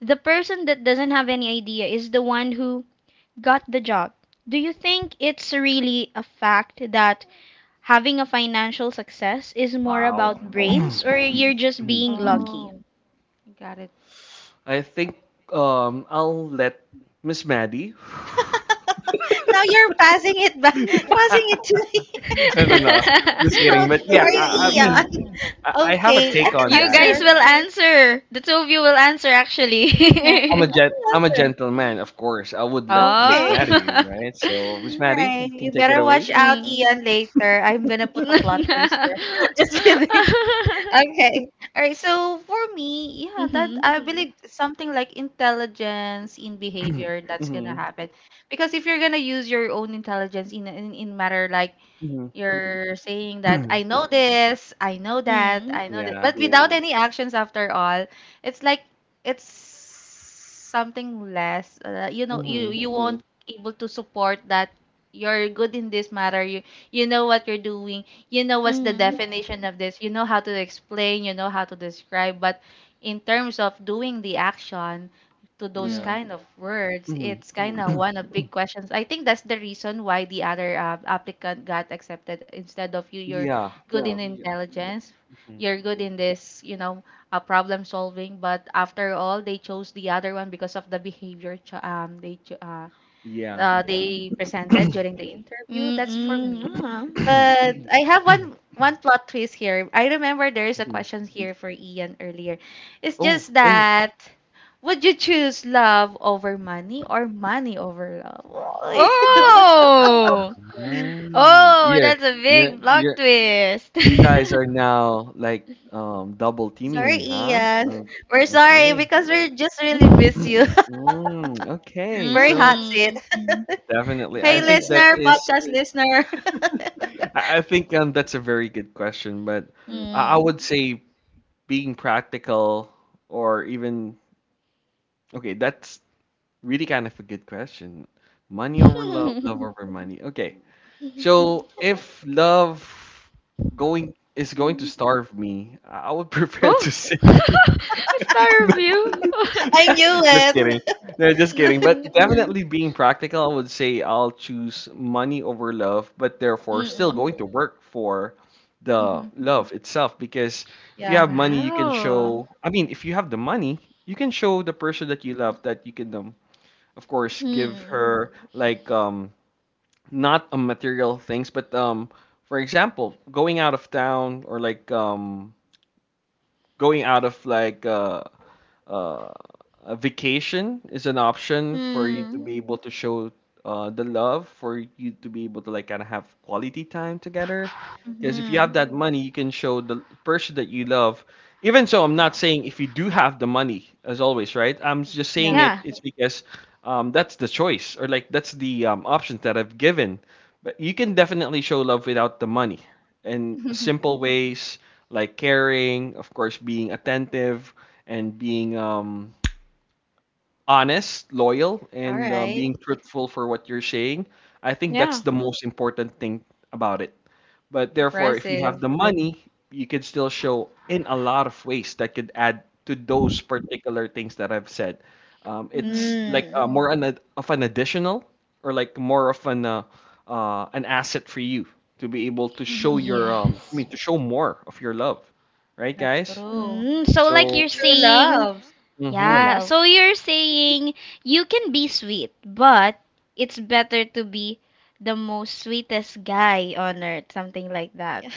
Speaker 1: the person that doesn't have any idea is the one who got the job. Do you think it's really a fact that having a financial success is more
Speaker 3: wow.
Speaker 1: about brains, or you're just
Speaker 3: Mhm.
Speaker 1: being lucky?
Speaker 2: Oh. Got it.
Speaker 3: I think, um, I'll let Miss Maddie.
Speaker 2: Now you're passing it back, passing it to me.
Speaker 3: No, no, no, just
Speaker 2: How
Speaker 3: kidding. But yeah,
Speaker 2: dare
Speaker 3: I, I
Speaker 2: you,
Speaker 3: mean,
Speaker 2: Ian?
Speaker 3: I, I have a
Speaker 2: Okay, I
Speaker 3: take on
Speaker 2: can
Speaker 1: you
Speaker 3: that.
Speaker 1: guys
Speaker 2: answer.
Speaker 1: will answer. The two of you will answer,
Speaker 2: Yeah,
Speaker 3: I'm a
Speaker 1: actually.
Speaker 2: I
Speaker 3: gen- I'm a
Speaker 2: can answer.
Speaker 3: gentleman, of course. I would let Miss
Speaker 1: oh.
Speaker 2: Okay,
Speaker 3: Maddie, right? So, Miss
Speaker 2: all
Speaker 3: Maddie,
Speaker 2: right.
Speaker 3: you
Speaker 2: You
Speaker 3: can take
Speaker 2: better
Speaker 3: it away.
Speaker 2: watch out,
Speaker 1: mm.
Speaker 2: Ian, later. I'm gonna put a plot
Speaker 1: mhm.
Speaker 2: twist here. Just kidding. Okay. All right. So for me, yeah, that I mm believe something like intelligence in behavior that's gonna
Speaker 3: Mm-hmm.
Speaker 2: happen, because if you're gonna use your own intelligence in in, in matter like
Speaker 3: Mm-hmm.
Speaker 2: you're saying that I know this, I know that,
Speaker 1: Mm.
Speaker 2: I know that, but
Speaker 3: Yeah.
Speaker 2: without yeah any actions after all, it's like it's something less. Uh, you know, you
Speaker 3: Mm-hmm.
Speaker 2: you mm won't able to support that you're good in this matter. You you know what you're doing, you know what's the
Speaker 1: Mhm.
Speaker 2: definition of this, you know how to explain, you know how to describe, but in terms of doing the action to those
Speaker 3: Yeah.
Speaker 1: Mm.
Speaker 2: kind of words
Speaker 3: Mm-hmm.
Speaker 2: it's kind mm of one of big questions. I think that's the reason why the other uh, applicant got accepted instead of you. You're
Speaker 3: Yeah.
Speaker 2: good yeah in yeah
Speaker 3: Yeah.
Speaker 2: intelligence,
Speaker 3: Mhm,
Speaker 2: you're good in this you know uh, problem solving but after all they chose the other one because of the behavior ch- um they ch- uh, uh,
Speaker 3: yeah.
Speaker 2: yeah they presented during the interview. That's for
Speaker 1: Mm-mm.
Speaker 2: me,
Speaker 1: Yeah.
Speaker 2: but I have one one plot twist here. I remember there is a
Speaker 3: Mhm.
Speaker 2: question here for Ian earlier. It's
Speaker 3: Oh.
Speaker 2: just oh, that would you choose love over money or money over love?
Speaker 1: Oh.
Speaker 3: Ah,
Speaker 1: Oh,
Speaker 3: yeah,
Speaker 1: that's a
Speaker 3: yeah,
Speaker 1: big
Speaker 3: yeah.
Speaker 1: block twist.
Speaker 3: You guys are now like um double teaming
Speaker 2: Sorry,
Speaker 3: me, huh?
Speaker 2: Ian.
Speaker 3: Okay.
Speaker 2: We're sorry
Speaker 3: Okay.
Speaker 2: because we just really miss you.
Speaker 3: Mm, okay.
Speaker 2: Very
Speaker 3: So
Speaker 2: hot seat.
Speaker 1: Mm.
Speaker 3: definitely, I
Speaker 2: Hey,
Speaker 3: think that
Speaker 2: listener,
Speaker 3: is.
Speaker 2: podcast listener.
Speaker 3: I I think um that's a very good question, but I I
Speaker 1: Mm.
Speaker 3: would say being practical or even okay, that's really kind of a good question. Money over love, love over money. Okay. So if love going is going to starve me, I would prefer to
Speaker 1: Oh,
Speaker 3: say
Speaker 1: star review.
Speaker 2: I knew
Speaker 3: just
Speaker 2: it.
Speaker 3: kidding. No, just kidding.
Speaker 1: Mm.
Speaker 3: But definitely being practical, I would say I'll choose money over love, but therefore still
Speaker 1: Mm-mm.
Speaker 3: going to work for the
Speaker 2: Hmm
Speaker 3: love itself because if you
Speaker 2: Yeah.
Speaker 3: have money, you can
Speaker 1: Wow.
Speaker 3: show, I mean, if you have the money, you can show the person that you love that you can um, of course give
Speaker 1: Mm.
Speaker 3: her like um not um, material things, but um, for example, going out of town or like um, going out of like uh, uh, a vacation is an option for you to be
Speaker 1: Mm.
Speaker 3: able to show uh, the love, for you to be able to like kind of have quality time together.
Speaker 2: hmm
Speaker 3: Because if you have
Speaker 1: Mm.
Speaker 3: that money, you can show the person that you love. Even so, I'm not saying if you do have the money, as always, right? I'm just saying
Speaker 2: Yeah.
Speaker 3: it.
Speaker 1: Yeah.
Speaker 3: It's because um, that's the choice, or like that's the um, options that I've given. But you can definitely show love without the money, in simple ways like caring, of course, being attentive, and being um, honest, loyal,
Speaker 2: All
Speaker 3: and uh,
Speaker 2: right.
Speaker 3: being truthful for what you're saying. I think that's
Speaker 1: Yeah.
Speaker 3: the most important thing about it. But therefore, if you have
Speaker 2: Impressive.
Speaker 3: the money, you can still show in a lot of ways that could add to those particular things that I've said. Um,
Speaker 2: Hmm
Speaker 3: it's like uh,
Speaker 1: Mm.
Speaker 3: more an, ad- of an additional or like more of an uh, uh, an asset for you to be able to show
Speaker 2: hmm
Speaker 3: your um, I
Speaker 1: Yes.
Speaker 3: mean to show more of your love, right,
Speaker 2: That's
Speaker 3: guys?
Speaker 2: true.
Speaker 1: Mm. So like you're
Speaker 3: So.
Speaker 2: True
Speaker 1: saying
Speaker 2: love. True
Speaker 3: Mm-hmm.
Speaker 1: Yeah,
Speaker 2: love.
Speaker 1: so you're saying you can be sweet, but it's better to be the most sweetest guy on earth, something like that.
Speaker 2: Yeah.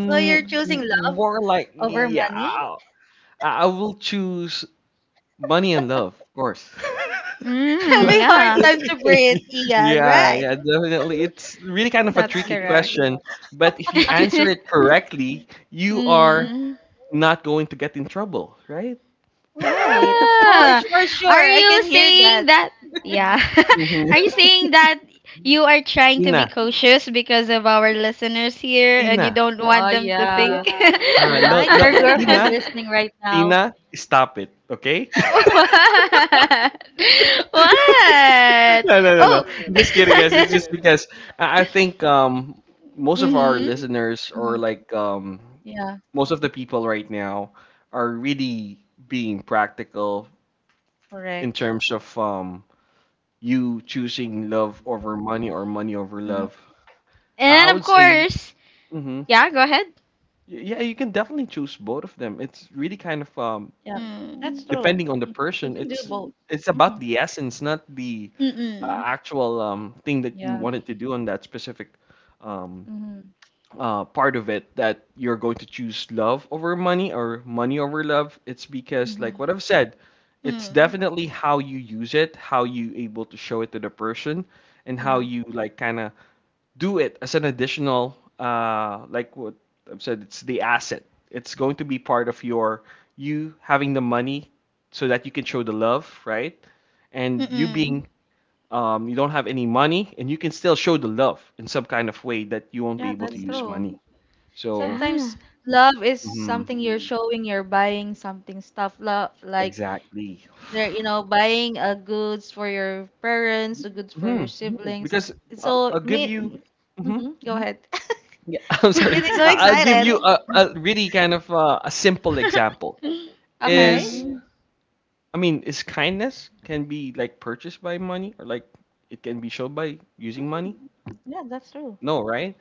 Speaker 2: So you're
Speaker 3: m-
Speaker 2: choosing love
Speaker 3: more like
Speaker 2: over
Speaker 3: yeah,
Speaker 2: money?
Speaker 3: I, I I will choose money and love, of course.
Speaker 1: Mm,
Speaker 3: Like,
Speaker 2: Having hard
Speaker 1: yeah,
Speaker 2: time to breathe, Ian,
Speaker 3: yeah,
Speaker 2: right?
Speaker 3: yeah, definitely. It's really kind of a
Speaker 1: that's
Speaker 3: tricky
Speaker 1: correct.
Speaker 3: question, but if you answer it correctly, you are
Speaker 1: mm,
Speaker 3: not going to get in trouble, right?
Speaker 2: Right, of
Speaker 1: yeah.
Speaker 2: course, for
Speaker 1: Are
Speaker 2: sure. I
Speaker 1: you
Speaker 2: can hear that.
Speaker 1: saying that? Yeah.
Speaker 3: Mhm.
Speaker 1: Are you saying that you are trying to be
Speaker 3: Tina,
Speaker 1: cautious because of our listeners here and you
Speaker 3: Tina,
Speaker 1: don't
Speaker 2: Oh
Speaker 1: want them to, oh,
Speaker 2: yeah.
Speaker 1: think? Yeah.
Speaker 2: You
Speaker 3: uh, no,
Speaker 2: might
Speaker 3: no,
Speaker 2: your girlfriend
Speaker 3: Tina,
Speaker 2: listening right now.
Speaker 3: Tina, stop it, okay?
Speaker 1: What? What?
Speaker 3: No, no, no, no.
Speaker 1: Oh.
Speaker 3: Just kidding, guys. It's just because I I think um most of our
Speaker 1: Mm-hmm.
Speaker 3: listeners or
Speaker 2: Hmm
Speaker 3: like um
Speaker 2: Yeah,
Speaker 3: most of the people right now are really being practical in
Speaker 2: correct.
Speaker 3: terms of um you choosing love over money or money over love.
Speaker 2: Hmm
Speaker 3: I I
Speaker 1: And of
Speaker 3: would say,
Speaker 1: course,
Speaker 3: mm-hmm.
Speaker 1: yeah, go ahead.
Speaker 3: Yeah, you can definitely choose both of them. It's really kind of um
Speaker 2: Yeah.
Speaker 1: Mm.
Speaker 2: That's true.
Speaker 3: depending on the
Speaker 2: You
Speaker 3: person,
Speaker 2: can do
Speaker 3: it's
Speaker 2: both.
Speaker 3: it's about
Speaker 2: Hmm
Speaker 3: the essence, not the uh,
Speaker 1: Mm-mm.
Speaker 3: actual um, thing that you
Speaker 2: Yeah.
Speaker 3: wanted to do on that specific um,
Speaker 2: hmm
Speaker 3: uh, part of it, that you're going to choose love over money or money over love. It's because like
Speaker 2: hmm
Speaker 3: what I've said, it's
Speaker 1: Mm.
Speaker 3: definitely how you use it, how you able to show it to the person, and how
Speaker 2: Yeah.
Speaker 3: you like kind of do it as an additional, uh, like what I've said, it's the asset. It's going to be part of your you having the money so that you can show the love, right? And you
Speaker 1: Mm-mm.
Speaker 3: being um, you don't have any money and you can still show the love in some kind of way that you won't be
Speaker 2: Yeah,
Speaker 3: able to
Speaker 2: that's
Speaker 3: use money.
Speaker 2: true.
Speaker 3: So
Speaker 1: Yeah.
Speaker 2: Sometimes love is
Speaker 3: mhm,
Speaker 2: something you're showing, you're buying something stuff, love like
Speaker 3: exactly.
Speaker 2: they're you know buying uh, goods for your parents, uh, goods for
Speaker 3: Hmm.
Speaker 2: your siblings.
Speaker 3: Because uh,
Speaker 2: So
Speaker 3: I'll give
Speaker 2: me,
Speaker 3: you. Hmm.
Speaker 2: hmm go ahead.
Speaker 3: Yeah, I'm sorry.
Speaker 2: Ian is so
Speaker 3: I- I'll give
Speaker 2: excited.
Speaker 3: you a, a really kind of uh, a simple example. Is
Speaker 2: Okay.
Speaker 1: Mm.
Speaker 3: I mean, is kindness can be like purchased by money or like it can be shown by using money?
Speaker 2: Mhm. Yeah, that's true.
Speaker 3: No, right?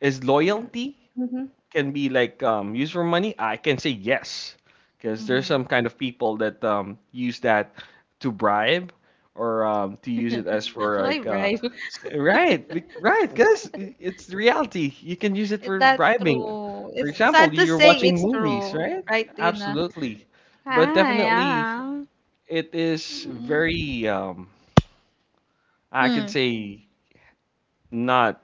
Speaker 3: Is loyalty
Speaker 2: Mm-hmm.
Speaker 3: can be like um used for money? I can say yes, because there's
Speaker 2: Mm-hmm.
Speaker 3: some kind of people that um use that to bribe or um to use it as for
Speaker 2: Why
Speaker 3: like uh
Speaker 2: brave?
Speaker 3: s- right be- right, because it's the reality, you can use it for
Speaker 2: That's
Speaker 3: bribing.
Speaker 2: true.
Speaker 3: For
Speaker 2: It's
Speaker 3: example,
Speaker 2: sad to
Speaker 3: you're
Speaker 2: say
Speaker 3: watching
Speaker 2: it's
Speaker 3: movies,
Speaker 2: true,
Speaker 3: right?
Speaker 2: right, Tina?
Speaker 3: Absolutely. But
Speaker 1: Ah,
Speaker 3: definitely
Speaker 1: yeah.
Speaker 3: it is
Speaker 2: Mm-hmm.
Speaker 3: very um I can
Speaker 1: Mm.
Speaker 3: say not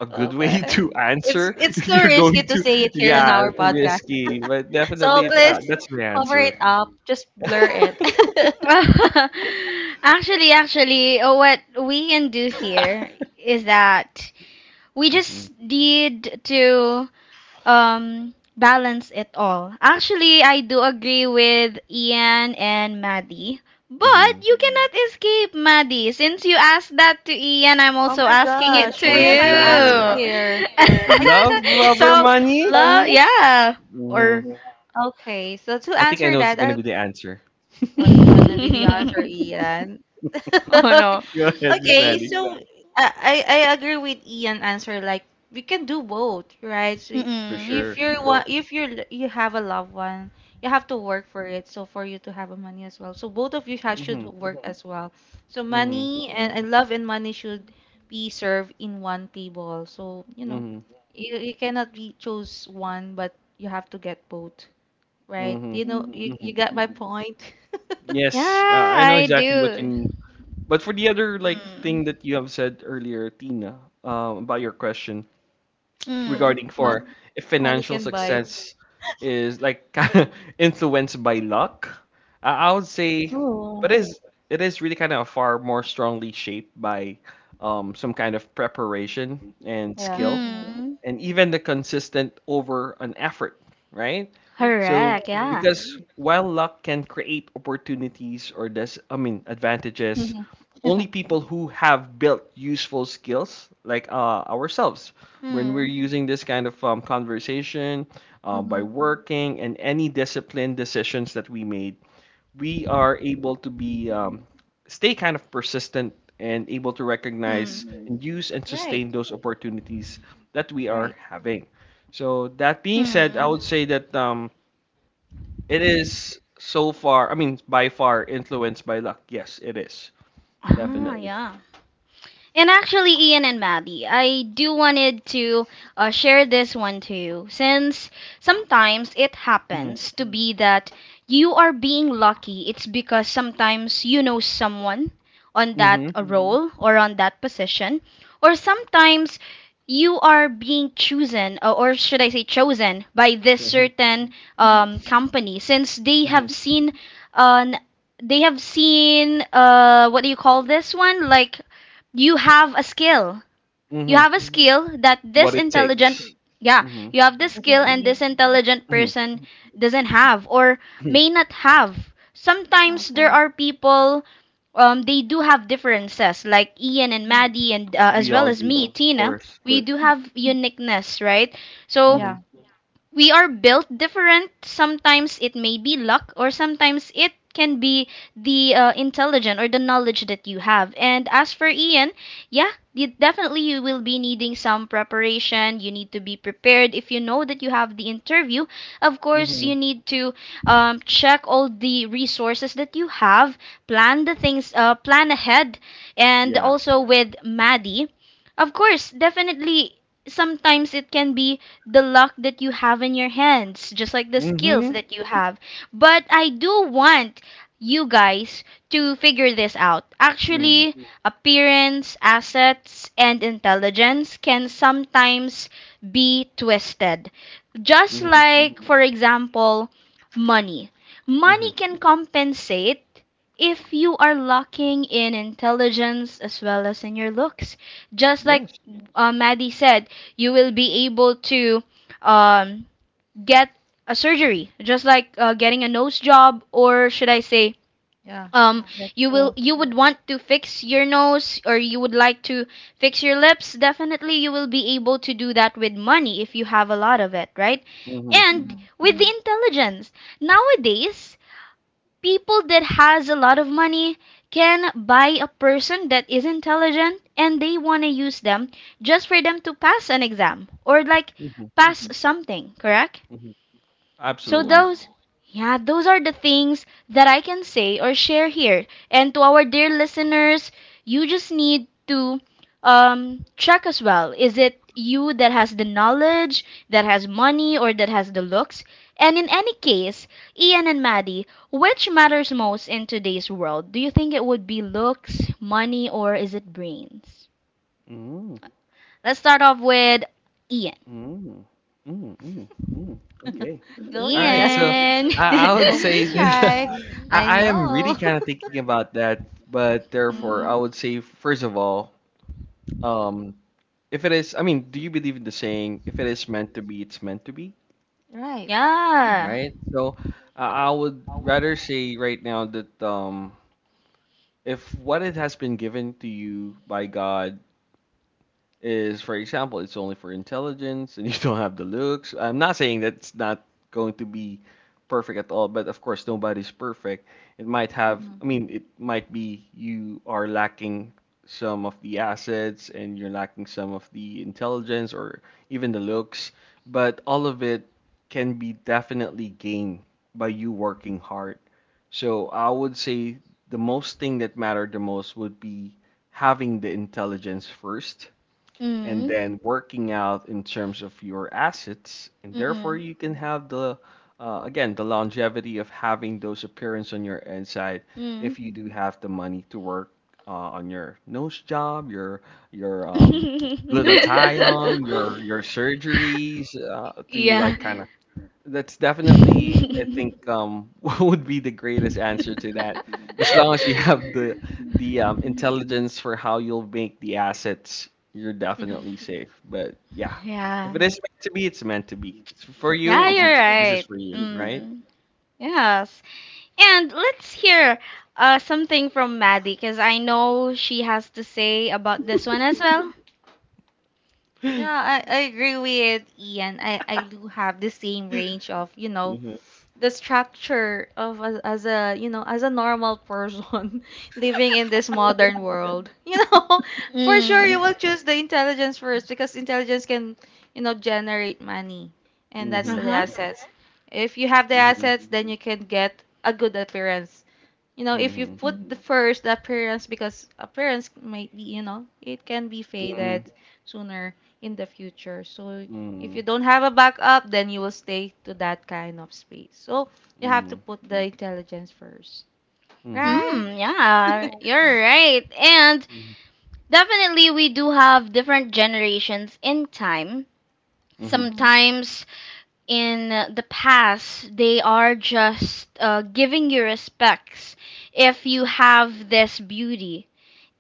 Speaker 3: a good way
Speaker 2: Okay.
Speaker 3: to
Speaker 2: It's
Speaker 3: answer
Speaker 2: it's
Speaker 3: if
Speaker 2: too
Speaker 3: you're
Speaker 2: risky
Speaker 3: going
Speaker 2: to say
Speaker 3: to,
Speaker 2: it here on
Speaker 3: yeah,
Speaker 2: our podcast.
Speaker 3: risky, but
Speaker 2: So
Speaker 3: definitely uh,
Speaker 2: please
Speaker 3: that's my
Speaker 2: cover
Speaker 3: answer.
Speaker 2: it up. Just blur it.
Speaker 1: Actually, actually, uh, what we can do here is that we
Speaker 3: Hmm.
Speaker 1: just need to um balance it all. Actually, I do agree with Ian and Maddie, but
Speaker 3: Hmm.
Speaker 1: you cannot escape Maddie. Since you asked that to Ian, I'm
Speaker 2: Oh
Speaker 1: also
Speaker 2: my
Speaker 1: asking
Speaker 2: gosh,
Speaker 1: it to
Speaker 2: why
Speaker 3: For
Speaker 2: am I asked
Speaker 3: sure,
Speaker 1: you.
Speaker 2: here? I
Speaker 3: love over
Speaker 1: so,
Speaker 3: money.
Speaker 1: love, yeah,
Speaker 3: Hmm.
Speaker 1: or
Speaker 2: okay, so to
Speaker 3: I think I
Speaker 2: answer
Speaker 3: know it's
Speaker 2: that,
Speaker 3: gonna
Speaker 2: I
Speaker 3: be the answer.
Speaker 2: What's gonna be the answer, Ian?
Speaker 1: oh, no.
Speaker 3: Go ahead, Miss
Speaker 2: Okay,
Speaker 3: Annie.
Speaker 2: so I, I I agree with Ian answer like we can do both, right? So
Speaker 3: For
Speaker 1: Mm-mm.
Speaker 2: if
Speaker 3: sure.
Speaker 2: you're one if you're you have a loved one, you have to work for it. So for you to have a money as well. So both of you ha should
Speaker 3: Hmm.
Speaker 2: work as well. So
Speaker 3: Hmm.
Speaker 2: money and, and love and money should be served in one table. So, you know,
Speaker 3: Hmm.
Speaker 2: you, you cannot be choose one, but you have to get both,
Speaker 3: Hmm.
Speaker 2: right? You know, you, you
Speaker 3: Hmm.
Speaker 2: got my point.
Speaker 1: Yeah,
Speaker 3: Yes, uh, I know
Speaker 1: I
Speaker 3: exactly what
Speaker 1: do.
Speaker 3: you. But for the other like thing
Speaker 1: Mm.
Speaker 3: that you have said earlier, Tina, um, about your question
Speaker 1: Mm.
Speaker 3: regarding for
Speaker 2: Mon
Speaker 3: if
Speaker 2: Money
Speaker 3: financial
Speaker 2: can buy.
Speaker 3: success is like kinda influenced by luck, I, I would say,
Speaker 2: Oh,
Speaker 3: but it is it is really kind of far more strongly shaped by um, some kind of preparation and
Speaker 2: yeah.
Speaker 3: skill
Speaker 1: Mm.
Speaker 3: and even the consistent over an effort, right? So
Speaker 1: Correct, yeah.
Speaker 3: because while luck can create opportunities or this, I mean, advantages,
Speaker 2: Mhm.
Speaker 3: only people who have built useful skills like uh, ourselves when we're
Speaker 1: Mm.
Speaker 3: using this kind of um, conversation uh, by
Speaker 2: Mhm.
Speaker 3: working and any disciplined decisions that we made, we are able to be um, stay kind of persistent and able to recognize
Speaker 1: Mm.
Speaker 3: and use and
Speaker 2: Right,
Speaker 3: sustain those opportunities that we are
Speaker 2: right.
Speaker 3: having. So that being said, I
Speaker 1: Mm.
Speaker 3: would say that um, it is so far, I mean, by far influenced by luck. Yes, it is
Speaker 2: Mhm.
Speaker 1: 啊
Speaker 3: definitely.
Speaker 1: 呀，And actually, Ian and Maddie, I do wanted to uh, share this one to you since sometimes it
Speaker 3: Mm-hmm.
Speaker 1: happens to be that you are being lucky. It's because sometimes you know someone on
Speaker 3: Mm-hmm.
Speaker 1: that uh, role or on that position, or sometimes you are being chosen, uh, or should I say chosen, by this
Speaker 3: So, mhm,
Speaker 1: certain um,
Speaker 2: Mhm.
Speaker 1: company since they have
Speaker 3: mhm,
Speaker 1: seen an they have seen uh what do you call this one, like, you have a skill. You
Speaker 3: mhm.
Speaker 1: have a skill that this
Speaker 3: What it
Speaker 1: intelligent,
Speaker 3: takes.
Speaker 1: yeah,
Speaker 3: Mm-hmm.
Speaker 1: you have this skill
Speaker 2: Doesn't
Speaker 1: and
Speaker 2: need.
Speaker 1: this intelligent
Speaker 3: Mm-hmm.
Speaker 1: person doesn't have or may not have. Sometimes there
Speaker 2: Okay.
Speaker 1: are people, um, they do have differences, like Ian and
Speaker 2: Mhm.
Speaker 1: Maddie, and uh, as
Speaker 3: We
Speaker 1: well
Speaker 3: all
Speaker 1: as
Speaker 3: do,
Speaker 1: me,
Speaker 3: of
Speaker 1: Tina.
Speaker 3: course.
Speaker 1: We do have uniqueness, right? So
Speaker 3: Mm-hmm.
Speaker 2: Yeah,
Speaker 1: we are built different. Sometimes it may be luck, or sometimes it can be the uh, intelligence or the knowledge that you have. And as for Ian, yeah, you, definitely you will be needing some preparation. You need to be prepared. If you know that you have the interview, of course, you
Speaker 3: Mm-hmm.
Speaker 1: need to um, check all the resources that you have, plan the things, uh, plan ahead. And
Speaker 3: Yeah.
Speaker 1: also with Maddie, of course, definitely sometimes it can be the luck that you have in your hands, just like the skills
Speaker 3: Mm-hmm.
Speaker 1: that you have. But I do want you guys to figure this out.
Speaker 3: Mm-hmm.
Speaker 1: Actually, appearance, assets, and intelligence can sometimes be twisted. Just
Speaker 3: Mm-hmm.
Speaker 1: like, for example, money.
Speaker 3: Mm-hmm.
Speaker 1: Money can compensate if you are lacking in intelligence as well as in your looks. Just like
Speaker 3: Yes.
Speaker 1: uh, Maddie said, you will be able to um, get a surgery, just like uh, getting a nose job, or should I say,
Speaker 2: yeah.
Speaker 1: um,
Speaker 2: That's
Speaker 1: you will
Speaker 2: true.
Speaker 1: you would want to fix your nose, or you would like to fix your lips. Definitely, you will be able to do that with money if you have a lot of it, right?
Speaker 3: Mhm.
Speaker 1: And
Speaker 2: Mhm.
Speaker 1: with the intelligence nowadays, people that has a lot of money can buy a person that is intelligent and they want to use them just for them to pass an exam or like
Speaker 3: Mhm.
Speaker 1: pass something, correct?
Speaker 3: Mhm.
Speaker 1: So
Speaker 3: Absolutely.
Speaker 2: Mhm.
Speaker 1: those yeah, those are the things that I can say or share here. And to our dear listeners, you just need to um check as well. Is it you that has the knowledge, that has money, or that has the looks? And in any case, Ian and Maddie, which matters most in today's world? Do you think it would be looks, money, or is it brains?
Speaker 3: Mm.
Speaker 1: Let's start off with Ian.
Speaker 3: Mm. Mm. Mm. Mm. Okay.
Speaker 2: Go,
Speaker 3: All right,
Speaker 2: Ian.
Speaker 3: so
Speaker 1: Ian.
Speaker 3: I, I would
Speaker 2: Don't be
Speaker 3: say that
Speaker 2: shy. I
Speaker 3: I, I am really
Speaker 2: know.
Speaker 3: kind of thinking about that, but therefore I
Speaker 1: Mm.
Speaker 3: would say first of all, um, if it is, I mean, do you believe in the saying, if it is meant to be, it's meant to be,
Speaker 2: Right. Yeah.
Speaker 1: Yeah.
Speaker 3: right? So uh, I would rather say right now that um, if what it has been given to you by God is, for example, it's only for intelligence and you don't have the looks. I'm not saying that's not going to be perfect at all, but of course, nobody's perfect. It might have,
Speaker 2: Mhm.
Speaker 3: I mean, it might be you are lacking some of the assets and you're lacking some of the intelligence or even the looks, but all of it can be definitely gained by you working hard. So I would say the most thing that mattered the most would be having the intelligence first and
Speaker 1: Mm.
Speaker 3: then working out in terms of your assets, and therefore
Speaker 1: Mm-mm.
Speaker 3: you can have the uh, again the longevity of having those appearance on your inside if you do have the money to work uh, on your nose job, your your um glutathione, your your surgeries, uh, to
Speaker 1: Yeah.
Speaker 3: like kind of that's definitely, I think, um, what would be the greatest answer to that. As long as you have the the um, intelligence for how you'll make the assets, you're
Speaker 2: Mhm.
Speaker 3: definitely safe. But yeah, if
Speaker 1: Yeah.
Speaker 3: it is meant to be, it's meant to be. It's for you.
Speaker 1: Yeah,
Speaker 2: Yeah,
Speaker 3: Is it?
Speaker 1: you're
Speaker 2: that's
Speaker 3: Yeah.
Speaker 2: true.
Speaker 3: This is
Speaker 1: right.
Speaker 3: for you, right?
Speaker 1: Mm. Yes. And let's hear uh something from Maddie because I know she has to say about this one as well.
Speaker 2: Yeah, I, I agree with Ian. I, I do have the same range of, you know,
Speaker 3: Mhm.
Speaker 2: the structure of as, as a you know as a normal person living in this modern world you know for sure you
Speaker 1: Mm.
Speaker 2: will choose the intelligence first, because intelligence can, you know generate money, and that's
Speaker 3: Mhm.
Speaker 2: the
Speaker 1: Uh-huh.
Speaker 2: assets. If you have the
Speaker 3: Mhm.
Speaker 2: assets, then you can get a good appearance. You know, if you put the Mhm. first the appearance, because appearance might be, you know, it can be
Speaker 3: Mhm.
Speaker 2: faded sooner in the future. So if
Speaker 3: Mhm.
Speaker 2: you don't have a backup, then you will stay to that kind of space. So
Speaker 3: Mhm.
Speaker 2: you have to
Speaker 3: Mhm.
Speaker 2: put the intelligence first,
Speaker 3: Mhm.
Speaker 2: right?
Speaker 1: Mm, yeah,
Speaker 2: Mm.
Speaker 1: you're
Speaker 3: Correct.
Speaker 1: right. And
Speaker 3: Mhm.
Speaker 1: definitely we do have different generations in time.
Speaker 3: Mhm.
Speaker 2: hmm
Speaker 1: Sometimes in the past they are just uh, giving you respects if you have this beauty,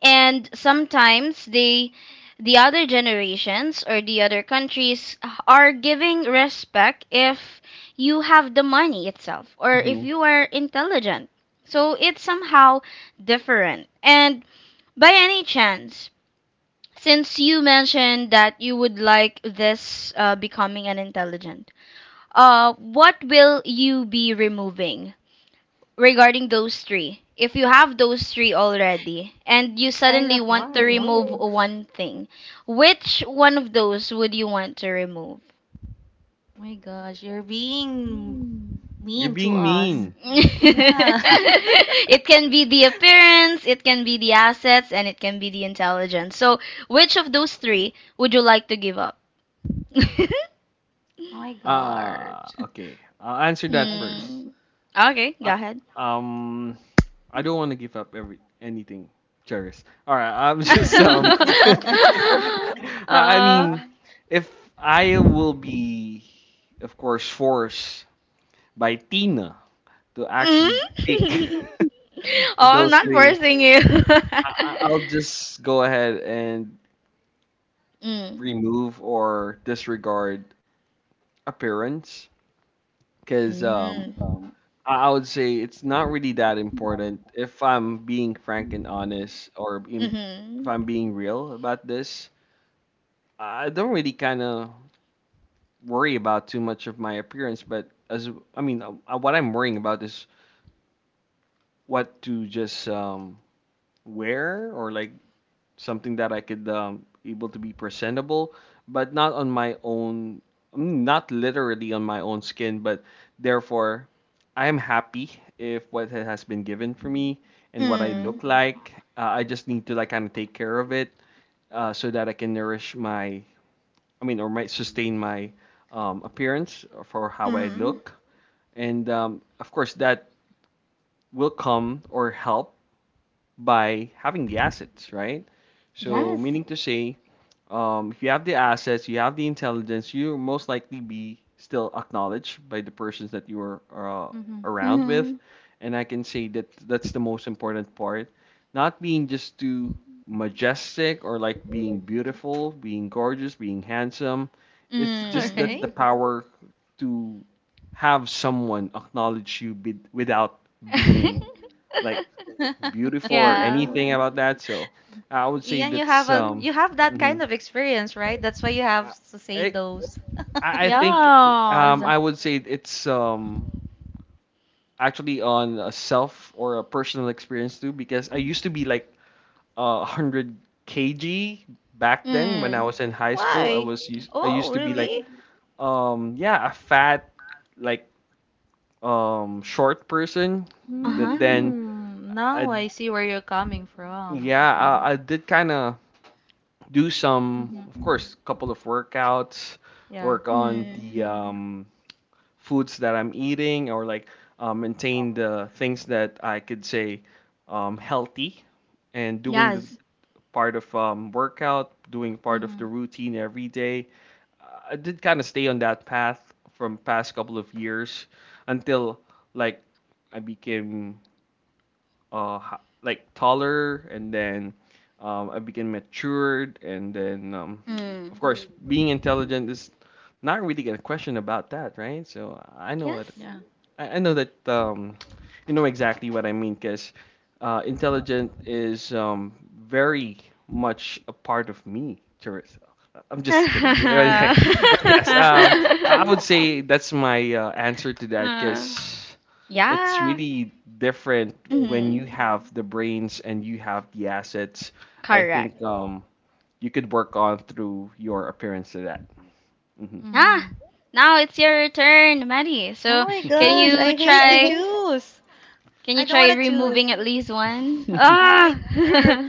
Speaker 1: and sometimes they the other generations or the other countries are giving respect if you have the money itself or if
Speaker 3: Mhm.
Speaker 1: you are intelligent. So it's somehow different. And by any chance, since you mentioned that you would like this, uh, becoming an intelligent, uh, what will you be removing regarding those three? If you have those three already and you
Speaker 2: It's kind
Speaker 1: suddenly
Speaker 2: of
Speaker 1: want to
Speaker 2: hard.
Speaker 1: remove, oh, one thing, which one of those would you want to remove?
Speaker 2: My gosh, you're being
Speaker 3: You're
Speaker 2: mean to
Speaker 3: being
Speaker 2: us. Mhm.
Speaker 3: mean.
Speaker 2: Yeah.
Speaker 1: It can be the appearance, it can be the assets, and it can be the intelligence. So, which of those three would you like to give up?
Speaker 2: Oh my
Speaker 3: Ah,
Speaker 2: gosh.
Speaker 3: okay. I'll answer that first.
Speaker 1: Okay. Hmm. Okay, go
Speaker 3: I
Speaker 1: ahead.
Speaker 3: um I don't want to give up every anything, Charis. All right, I'm just um I I
Speaker 1: uh,
Speaker 3: mean, if I will be of course forced by Tina to actually pick
Speaker 1: Mm? Oh,
Speaker 3: with
Speaker 1: I'm
Speaker 3: those
Speaker 1: not
Speaker 3: three,
Speaker 1: forcing you.
Speaker 3: I, I- I'll just go ahead and
Speaker 1: Mm.
Speaker 3: remove or disregard appearance because um
Speaker 1: Mm.
Speaker 3: I I would say it's not really that important. If I'm being frank and honest, or being- if
Speaker 1: Mm-hmm.
Speaker 3: I'm being real about this, I don't really kind of worry about too much of my appearance. But as I mean, uh, uh, what I'm worrying about is what to just um, wear or like something that I could um, able to be presentable, but not on my own, not literally on my own skin, but therefore I am happy if what has been given for me and what I
Speaker 2: Mm-hmm.
Speaker 1: Mm.
Speaker 3: look like. Uh, I just need to like kind of take care of it uh, so that I can nourish my, I mean, or might sustain my um, appearance for how I
Speaker 1: Mm.
Speaker 3: look. And um, of course, that will come or help by having the assets, right?
Speaker 2: Right.
Speaker 3: So,
Speaker 1: Yes.
Speaker 3: meaning to say, um, if you have the assets, you have the intelligence, you most likely be still acknowledged by the persons that you are uh,
Speaker 2: Mm-hmm.
Speaker 3: around with.
Speaker 1: Mm-hmm.
Speaker 3: And I can say that that's the most important part. Not being just too majestic or like being beautiful, being gorgeous, being handsome. It's
Speaker 2: All
Speaker 3: just
Speaker 1: Mm.
Speaker 3: that the
Speaker 2: right.
Speaker 3: Mhm. Power to have someone acknowledge you be- without being like beautiful or
Speaker 1: Yeah.
Speaker 3: anything about that. So I would say
Speaker 2: Ian, you have
Speaker 3: that's
Speaker 2: a
Speaker 3: um.
Speaker 2: you have that kind
Speaker 3: mhm.
Speaker 2: of experience, right? That's why you have
Speaker 3: Uh,
Speaker 2: to say
Speaker 3: I
Speaker 2: those.
Speaker 3: I think
Speaker 1: Yes.
Speaker 3: um I would say it's um actually on a self or a personal experience too because I used to be like uh one hundred kilograms back then when I
Speaker 1: Mm.
Speaker 3: was in high school. I
Speaker 2: Why?
Speaker 3: was used I
Speaker 2: Oh,
Speaker 3: used to be like
Speaker 2: really?
Speaker 3: um yeah, a fat, like, um short person, but Mm.
Speaker 1: Uh-huh.
Speaker 3: then
Speaker 2: Mm,
Speaker 3: I
Speaker 2: now I see where you're coming from.
Speaker 3: yeah
Speaker 2: Okay.
Speaker 3: I, I did kind of do, some
Speaker 2: Mm-hmm.
Speaker 3: of course, couple of workouts,
Speaker 2: Yeah.
Speaker 3: work on
Speaker 1: Mm.
Speaker 3: the Mm. um foods that I'm eating, or like uh, maintain the things that I could say, um, healthy, and doing the
Speaker 1: Yes.
Speaker 3: part of um, workout, doing part of the
Speaker 2: Mm-hmm.
Speaker 3: routine every day. I did kind of stay on that path from past couple of years until, like, I became uh h- like taller, and then um, I became matured, and then um, of
Speaker 1: Mm.
Speaker 3: course, Mm. being intelligent is not really a question about that, right? So I know what
Speaker 1: Yes.
Speaker 2: Yeah.
Speaker 3: I, I know that um, you know exactly what I mean because uh, intelligent is, um, very much a part of me, Charissa. I'm just kidding. But yes, um, I would say that's my uh, answer to that,
Speaker 1: uh,
Speaker 3: because it's
Speaker 1: yeah.
Speaker 3: really different when you
Speaker 1: Mm.
Speaker 3: have the brains and you have the assets. I
Speaker 1: Correct.
Speaker 3: think um, you could work on through your appearance to that.
Speaker 1: Ah,
Speaker 2: Mm-hmm.
Speaker 1: now it's your turn, Maddie.
Speaker 2: Oh
Speaker 1: So
Speaker 2: my
Speaker 3: hmm
Speaker 1: can
Speaker 2: gosh, I
Speaker 1: you
Speaker 2: hate to
Speaker 1: try
Speaker 2: choose.
Speaker 1: can
Speaker 2: I
Speaker 1: you
Speaker 2: don't
Speaker 1: try
Speaker 2: want to choose.
Speaker 1: removing at least one?
Speaker 2: Oh my
Speaker 1: Ah.
Speaker 2: god.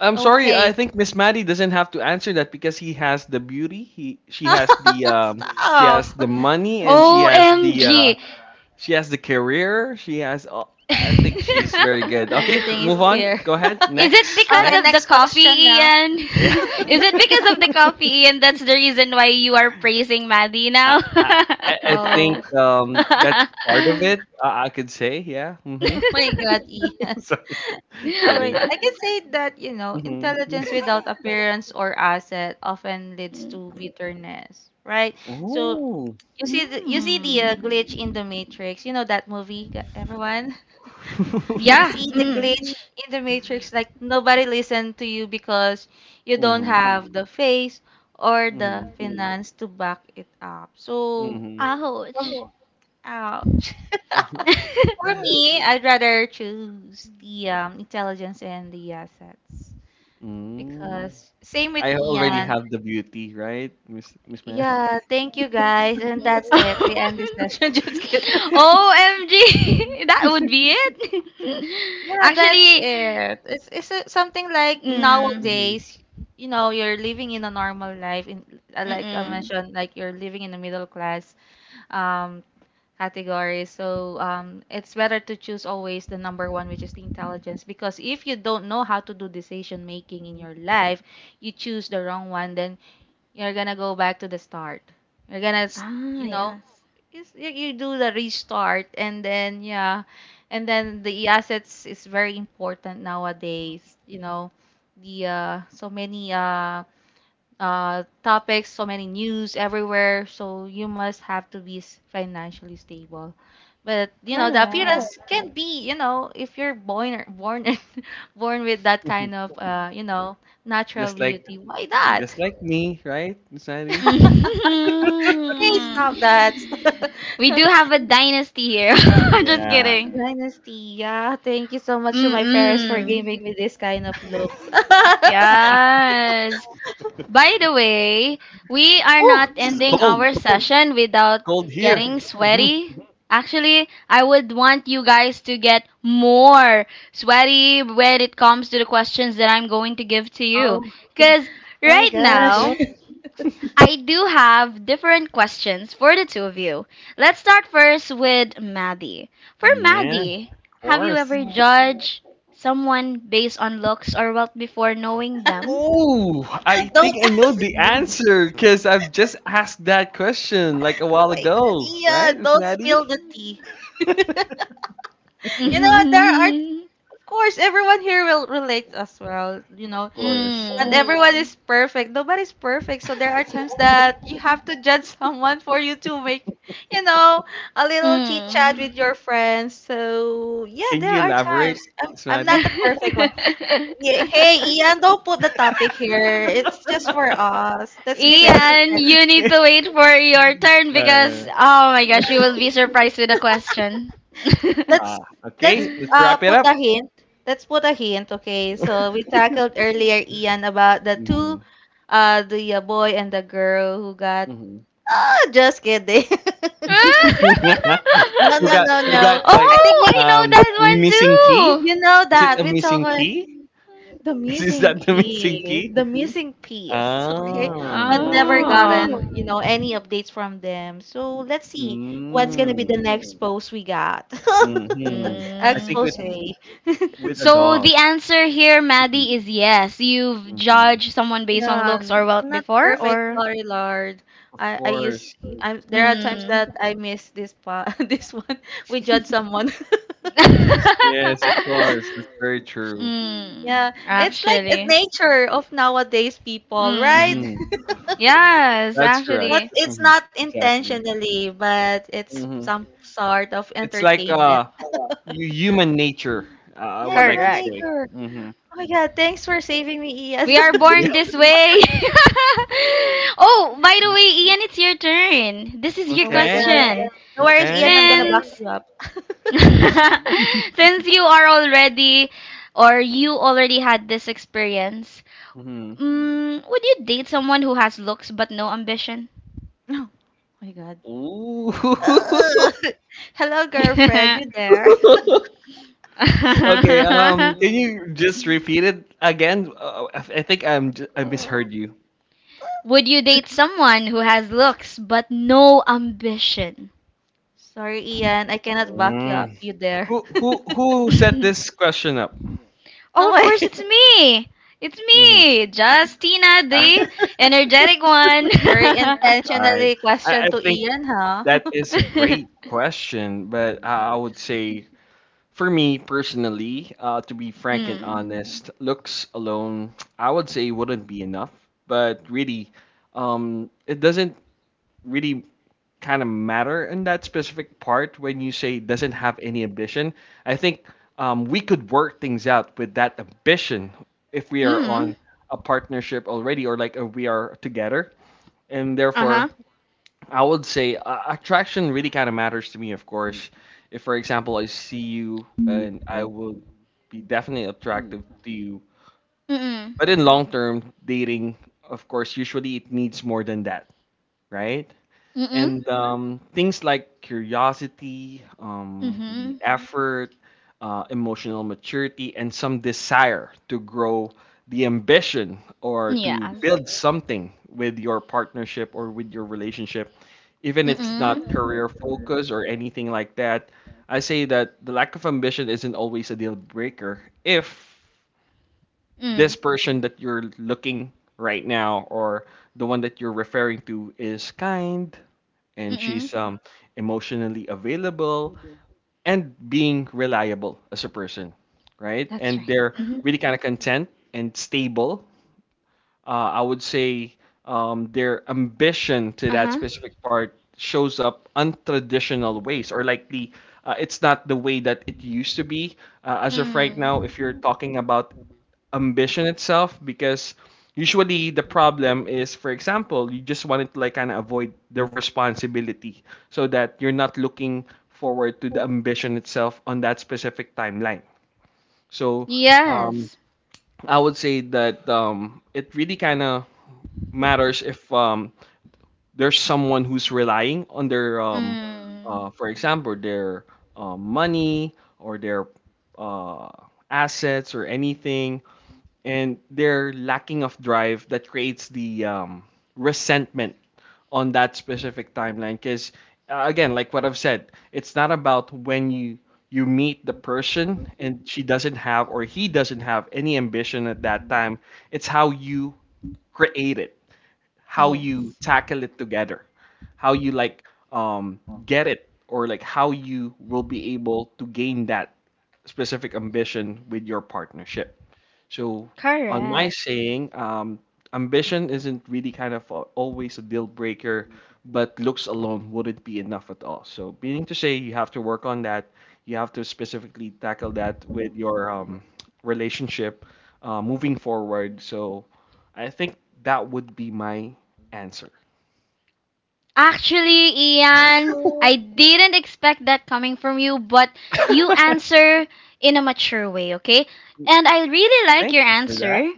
Speaker 3: I'm sorry. I
Speaker 2: Okay.
Speaker 3: think Miss Maddie doesn't have to answer that because he has the beauty. He She has the um she has
Speaker 2: Stop.
Speaker 3: the money, and she has the uh
Speaker 1: O M G.
Speaker 3: she has the career. She has. Uh, I think she's very good. Okay,
Speaker 2: Everything is
Speaker 3: move on.
Speaker 2: here.
Speaker 3: Go ahead.
Speaker 1: Is it
Speaker 3: Next.
Speaker 2: Okay,
Speaker 1: because of the
Speaker 2: next
Speaker 3: Next.
Speaker 2: question
Speaker 1: coffee,
Speaker 2: now.
Speaker 1: Ian?
Speaker 3: Yeah.
Speaker 1: Is it because of the coffee, Ian? That's the reason why you are praising Maddie
Speaker 3: I,
Speaker 1: now.
Speaker 3: I I I
Speaker 2: Oh.
Speaker 3: think um that's part of it. Uh, I could say yeah. Mm-hmm.
Speaker 2: My God, Ian.
Speaker 3: Sorry,
Speaker 2: All right.
Speaker 3: kidding.
Speaker 2: I can say that, you know,
Speaker 3: Mm-hmm.
Speaker 2: intelligence without appearance or asset often leads to bitterness, right? So
Speaker 3: Oh.
Speaker 2: you see the, you see the uh, glitch
Speaker 1: Mm.
Speaker 2: in the Matrix. You know that movie, gu- everyone? You
Speaker 1: Yeah.
Speaker 2: see the
Speaker 1: Mm.
Speaker 2: glitch in the Matrix, like nobody listened to you because you don't
Speaker 3: Mm-hmm.
Speaker 2: have the face or the
Speaker 3: Mm-hmm.
Speaker 2: finance to back it up. So,
Speaker 3: Mm-hmm.
Speaker 1: Ouch.
Speaker 2: from, ouch.
Speaker 3: Uh-huh.
Speaker 2: For me, I'd rather choose the um, intelligence and the assets,
Speaker 3: Mm.
Speaker 2: because same with
Speaker 3: I already
Speaker 2: Ian.
Speaker 3: have the beauty, right, Miss Miss Mary?
Speaker 2: Yeah, thank you guys, and that's it. We end this session. Just kidding.
Speaker 1: O M G, that would be it.
Speaker 2: Yeah, that's
Speaker 1: Actually,
Speaker 2: it. It's it's uh, something like
Speaker 1: mm,
Speaker 3: hmm
Speaker 2: nowadays, you know, you're living in a normal life. In uh, Like I
Speaker 1: mm-mm.
Speaker 2: mentioned, like you're living in the middle class. Um, categories. So um, it's better to choose always the number one, which is the intelligence, because if you don't know how to do decision making in your life, you choose the wrong one, then you're gonna go back to the start. You're gonna, s-
Speaker 1: Ah,
Speaker 2: you know,
Speaker 1: yes.
Speaker 2: it's, you you do the restart, and then yeah, and then the assets is very important nowadays. You know, the uh, so many um uh, topics, so many news everywhere. So you must have to be s- financially stable. But you know, the appearance
Speaker 1: Correct.
Speaker 2: can be, you know, if you're born born born with that
Speaker 3: hmm
Speaker 2: kind of uh, you know, natural
Speaker 3: Just like
Speaker 2: beauty, why not?
Speaker 3: just like me, right, Miss Mary?
Speaker 2: Hey,
Speaker 1: Mhm.
Speaker 2: stop that.
Speaker 1: We do have a dynasty here. Just
Speaker 3: Yeah.
Speaker 1: kidding.
Speaker 2: Dynasty, yeah. Thank you so much to my parents for
Speaker 1: Mm-mm.
Speaker 2: giving me this kind of looks.
Speaker 1: Yes. By the way, we are not
Speaker 3: Whew, it's
Speaker 1: ending
Speaker 3: cold.
Speaker 1: our
Speaker 3: It's
Speaker 1: session without
Speaker 3: cold here.
Speaker 1: getting
Speaker 3: hmm
Speaker 1: sweaty. Actually, I would want you guys to get more sweaty when it comes to the questions that I'm going to give to you.
Speaker 2: Oh,
Speaker 1: Because
Speaker 2: oh my
Speaker 1: right
Speaker 2: gosh.
Speaker 1: now, I do have different questions for the two of you. Let's start first with Maddie. For
Speaker 3: Yeah, of
Speaker 1: Maddie, have you
Speaker 3: course.
Speaker 1: ever
Speaker 2: Mm.
Speaker 1: judged someone based on looks or wealth before knowing them?
Speaker 3: Oh, I
Speaker 2: Don't,
Speaker 3: think I know the answer because I've just asked that question like a
Speaker 2: oh
Speaker 3: while
Speaker 2: my God,
Speaker 3: ago, right,
Speaker 2: Ian,
Speaker 3: Miss
Speaker 2: don't spill
Speaker 3: Maddie?
Speaker 2: the tea. You know, what? There are course, everyone here will relate as well. You
Speaker 3: Of
Speaker 2: know,
Speaker 3: course.
Speaker 2: not
Speaker 1: Mm.
Speaker 2: everyone Mm. is perfect. Nobody's perfect. So there are times that you have to judge someone for you to make, you know, a little chit chat
Speaker 1: Mm.
Speaker 2: with your friends. So yeah,
Speaker 3: Can
Speaker 2: there
Speaker 3: you
Speaker 2: are times.
Speaker 3: elaborate,
Speaker 2: I'm,
Speaker 3: Miss
Speaker 2: I'm not
Speaker 3: Maddie?
Speaker 2: the perfect one. Yeah, hey, Ian, don't put the topic here. It's just for us. Let's keep it a
Speaker 1: Ian,
Speaker 2: secret.
Speaker 1: you need
Speaker 3: Yeah.
Speaker 1: to wait for your turn because
Speaker 3: Uh,
Speaker 1: oh my gosh, you will be surprised with the question. Oh,
Speaker 3: ah,
Speaker 2: let's let's
Speaker 3: okay, let's
Speaker 2: uh
Speaker 3: wrap it
Speaker 2: put
Speaker 3: up.
Speaker 2: a hint. Let's put a hint, okay? So we tackled earlier, Ian, about the two,
Speaker 3: Mhm,
Speaker 2: uh, the uh, boy and the girl who got.
Speaker 3: mhm.
Speaker 2: Oh, just kidding. no,
Speaker 3: Who
Speaker 2: no,
Speaker 3: got
Speaker 2: no,
Speaker 3: who
Speaker 2: no.
Speaker 3: got,
Speaker 2: I
Speaker 3: like,
Speaker 2: think we,
Speaker 1: I know
Speaker 3: um, missing
Speaker 1: that
Speaker 3: key?
Speaker 1: one
Speaker 2: you
Speaker 1: too.
Speaker 2: know
Speaker 3: Is it
Speaker 2: that
Speaker 3: a
Speaker 2: we talk
Speaker 3: missing
Speaker 2: uh,
Speaker 3: key?
Speaker 2: the
Speaker 3: Is
Speaker 2: missing
Speaker 3: that the missing
Speaker 2: key,
Speaker 3: key?
Speaker 2: the missing piece, okay? But
Speaker 3: Ah.
Speaker 2: never
Speaker 1: Oh.
Speaker 2: gotten, you know, any updates from them. So let's see what's gonna be
Speaker 3: Mm,
Speaker 2: the next post we got.
Speaker 3: mhm. I
Speaker 1: Mm.
Speaker 3: think
Speaker 2: Expose.
Speaker 3: it's with a
Speaker 1: So
Speaker 3: dog.
Speaker 1: the answer here, Maddie,
Speaker 3: Mhm,
Speaker 1: is yes. You've
Speaker 3: mhm.
Speaker 1: judged someone based on
Speaker 2: Yeah,
Speaker 1: looks or
Speaker 2: and
Speaker 1: wealth
Speaker 2: I'm not
Speaker 1: before,
Speaker 2: perfect.
Speaker 1: or.
Speaker 2: Sorry, Lord.
Speaker 3: Of
Speaker 2: I I
Speaker 3: course.
Speaker 2: use I'm there are times
Speaker 1: Mm.
Speaker 2: that I miss this pa this one. We judge someone.
Speaker 3: Yes, of course. That's very true.
Speaker 1: Mm.
Speaker 2: Yeah, it's like a
Speaker 1: Actually.
Speaker 2: nature of nowadays people, right?
Speaker 1: Mm.
Speaker 3: Mhm.
Speaker 1: Yes,
Speaker 3: That's correct.
Speaker 2: What
Speaker 1: actually.
Speaker 2: it's
Speaker 3: Mhm.
Speaker 2: not
Speaker 3: Exactly.
Speaker 2: intentionally, but it's
Speaker 3: Mhm.
Speaker 2: some sort of
Speaker 3: It's like,
Speaker 2: entertainment.
Speaker 3: uh, hu human nature, uh,
Speaker 2: Yeah,
Speaker 3: what I
Speaker 2: human
Speaker 3: could
Speaker 1: Correct.
Speaker 3: say.
Speaker 2: nature.
Speaker 3: Mhm.
Speaker 2: Oh yeah, thanks for saving me, Ian.
Speaker 1: We are
Speaker 3: Yeah.
Speaker 1: born this way. Oh, by the way, Ian, it's your turn. This is your
Speaker 2: Oh my
Speaker 3: Okay,
Speaker 2: gosh.
Speaker 1: question.
Speaker 2: No worries,
Speaker 3: okay.
Speaker 2: Ian. I'm gonna back
Speaker 1: Since
Speaker 2: you up.
Speaker 3: Mhm,
Speaker 1: since you are already or you already had this experience,
Speaker 3: mhm.
Speaker 1: mm, would you date someone who has looks but no ambition?
Speaker 2: Oh my God.
Speaker 3: Ooh.
Speaker 2: Ugh. Hello, girlfriend. You there?
Speaker 3: Okay, um, can you just repeat it again? Uh, I I think I'm j I
Speaker 2: Ugh.
Speaker 3: misheard you.
Speaker 1: Would you date someone who has looks but no ambition?
Speaker 2: Sorry, Ian, I cannot back you up
Speaker 3: Mm.
Speaker 2: you there.
Speaker 3: Who who who set
Speaker 1: Oh,
Speaker 3: this question up?
Speaker 1: of course,
Speaker 2: Okay.
Speaker 1: it's me! It's
Speaker 3: hmm
Speaker 1: me! Justina,
Speaker 2: In
Speaker 1: the energetic one!
Speaker 2: very
Speaker 3: All right.
Speaker 2: intentionally
Speaker 3: I,
Speaker 2: question
Speaker 3: I
Speaker 2: to
Speaker 3: think
Speaker 2: Ian, huh?
Speaker 3: that is a great question, but I, I would say, for me personally, uh, to be frank and
Speaker 1: Mm.
Speaker 3: honest, looks alone, I would say, wouldn't be enough. But really, um, it doesn't really kind of matter in that specific part when you say doesn't have any ambition. I think um, we could work things out with that ambition if we are
Speaker 1: Mm.
Speaker 3: on a partnership already, or like if we are together. And
Speaker 1: Uh
Speaker 3: therefore,
Speaker 1: huh.
Speaker 3: I would say uh, attraction really kind of matters to me, of course. If, for example, I see you and I will be definitely attractive to you.
Speaker 1: Mm mm.
Speaker 3: But in long term dating, of course, usually it needs more than that, right?
Speaker 1: Mm mm.
Speaker 3: And um, things like curiosity,
Speaker 1: Mm
Speaker 3: um,
Speaker 1: hmm.
Speaker 3: the effort, uh, emotional maturity, and some desire to grow the ambition, or to
Speaker 1: Yes.
Speaker 3: build something with your partnership or with your relationship, even
Speaker 1: Mm
Speaker 3: if it's not
Speaker 1: mm.
Speaker 3: career focus or anything like that. I say that the lack of ambition isn't always a deal breaker if
Speaker 1: Mm.
Speaker 3: this person that you're looking right now, or the one that you're referring to, is kind,
Speaker 1: Mm
Speaker 3: and
Speaker 1: mm.
Speaker 3: she's um emotionally available and being reliable as a person, right,
Speaker 1: That's
Speaker 3: and
Speaker 1: right.
Speaker 3: they're
Speaker 1: Mm hmm.
Speaker 3: really kind of content and stable. uh, I would say um, their ambition to
Speaker 1: Uh
Speaker 3: that
Speaker 1: huh.
Speaker 3: specific part shows up untraditional ways, or like the uh, it's not the way that it used to be uh, as of right now. If you're
Speaker 1: Mm.
Speaker 3: talking about ambition itself, because usually the problem is, for example, you just wanted to like kind of avoid the responsibility so that you're not looking forward to the ambition itself on that specific timeline. So um,
Speaker 1: Yes.
Speaker 3: I would say that um, it really kind of matters if um, there's someone who's relying on their, um,
Speaker 1: Mm.
Speaker 3: uh, for example, their uh, money or their uh, assets or anything, and their lacking of drive that creates the um, resentment on that specific timeline. Because uh, again, like what I've said, it's not about when you you meet the person and she doesn't have, or he doesn't have any ambition at that time. It's how you create it, how you
Speaker 1: Yes.
Speaker 3: tackle it together, how you, like, um, get it, or like how you will be able to gain that specific ambition with your partnership. So, on my
Speaker 1: Correct.
Speaker 3: saying, um, ambition isn't really kind of a, always a deal breaker, but looks alone wouldn't be enough at all. So, meaning to say, you have to work on that. You have to specifically tackle that with your um, relationship uh, moving forward. So, I think that would be my answer.
Speaker 1: Actually, Ian, I didn't expect that coming from you, but you answer in a mature way, okay? And I really like
Speaker 3: Thank
Speaker 1: your
Speaker 3: you for that.
Speaker 1: answer.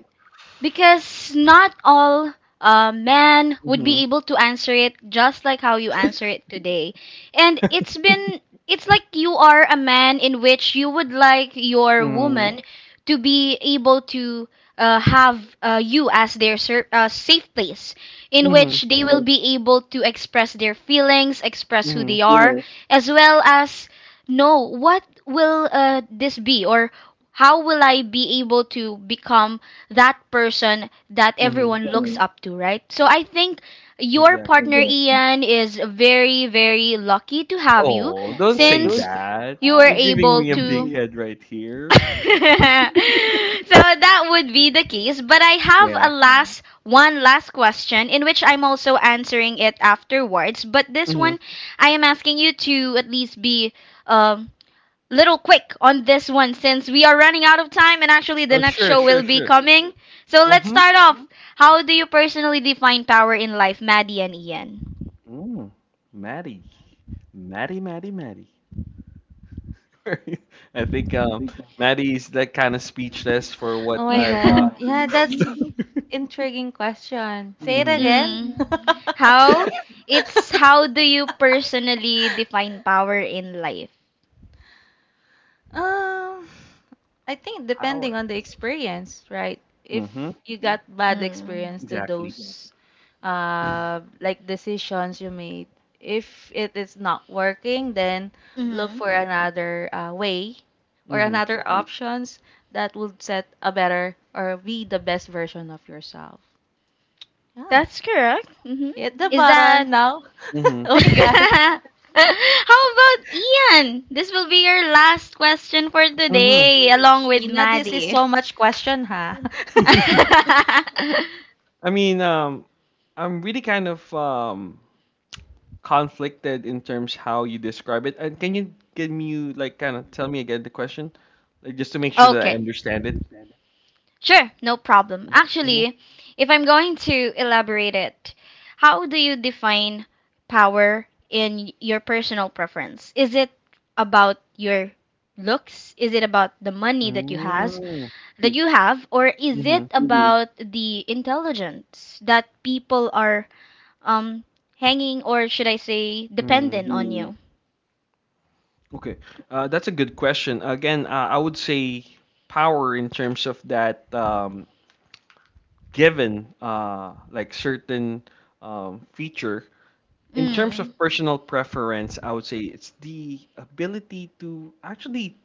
Speaker 1: Because not all uh, men would be
Speaker 3: Mhm,
Speaker 1: able to answer it just like how you answer it today. And it's been, it's like you are a man in which you would like your
Speaker 3: mhm,
Speaker 1: woman to be able to uh, have uh, you as their ser- uh, safe place in
Speaker 3: mhm,
Speaker 1: which they will be able to express their feelings, express who
Speaker 3: mhm,
Speaker 1: they are, hmm as well as know what will, uh, this be, or how will I be able to become that person that
Speaker 3: mhm.
Speaker 1: everyone looks up to, right? So I think your
Speaker 3: Exactly.
Speaker 1: partner Ian is very, very lucky to have you
Speaker 3: Oh, don't say
Speaker 1: since
Speaker 3: that.
Speaker 1: you were
Speaker 3: You're giving
Speaker 1: able
Speaker 3: me a big
Speaker 1: to.
Speaker 3: head right here.
Speaker 1: So that would be the case. But I have
Speaker 3: Yeah.
Speaker 1: a last one last question in which I'm also answering it afterwards. But this
Speaker 3: hmm
Speaker 1: one, I am asking you to at least be um little quick on this one since we are running out of time, and actually the
Speaker 3: Oh,
Speaker 1: next
Speaker 3: sure,
Speaker 1: show
Speaker 3: sure,
Speaker 1: will be
Speaker 3: sure.
Speaker 1: coming. So let's
Speaker 3: Mm-hmm.
Speaker 1: start off. How do you personally define power in life, Maddie and Ian?
Speaker 3: Mm. Maddie. Maddie, Maddie, Maddie. I think um, Maddie's that kind of speechless for
Speaker 2: Oh
Speaker 3: what
Speaker 2: my
Speaker 3: I've
Speaker 2: God.
Speaker 3: uh,
Speaker 2: Yeah, that's intriguing question. Say it
Speaker 3: mhm.
Speaker 1: Mm.
Speaker 2: again.
Speaker 1: How? It's how do you personally define power in life?
Speaker 2: Um, I think depending
Speaker 3: Power.
Speaker 2: on the experience, right? If
Speaker 3: Mm-hmm.
Speaker 2: you got bad
Speaker 1: Mm.
Speaker 2: experience to
Speaker 3: Exactly.
Speaker 2: those uh like decisions you made, if it is not working, then look
Speaker 1: Hmm.
Speaker 2: for another uh, way or
Speaker 3: Mm-hmm.
Speaker 2: another options that would set a better or be the best version of yourself. Yeah.
Speaker 1: That's correct. Hmm.
Speaker 2: Hit the
Speaker 1: Is that.
Speaker 2: button now.
Speaker 3: Mm-hmm.
Speaker 2: Oh my god.
Speaker 1: How about Ian? This will be your last question for
Speaker 3: Mm-hmm.
Speaker 1: today, along with
Speaker 2: Nina, this is
Speaker 1: Maddie.
Speaker 2: so much question, huh?
Speaker 3: I mean, um, I'm really kind of um conflicted in terms how you describe it. And can you give me, like, kind of tell me again the question, like, just to make sure that I
Speaker 1: Okay,
Speaker 3: understand it?
Speaker 1: sure, no problem.
Speaker 3: Mm-hmm.
Speaker 1: Actually, if I'm going to elaborate it, how do you define power in your personal preference? Is it about your looks? Is it about the money that you has
Speaker 3: Mm,
Speaker 1: that you have, or is
Speaker 3: hmm
Speaker 1: it Mhm. about the intelligence that people are um hanging, or should I say
Speaker 3: Mm.
Speaker 1: dependent on Mm. you?
Speaker 3: Okay. Uh, that's a good question. Again, uh, I would say power in terms of that, um, given, uh, like, certain um, feature in terms
Speaker 1: Mm.
Speaker 3: of personal preference, I would say it's the ability to actually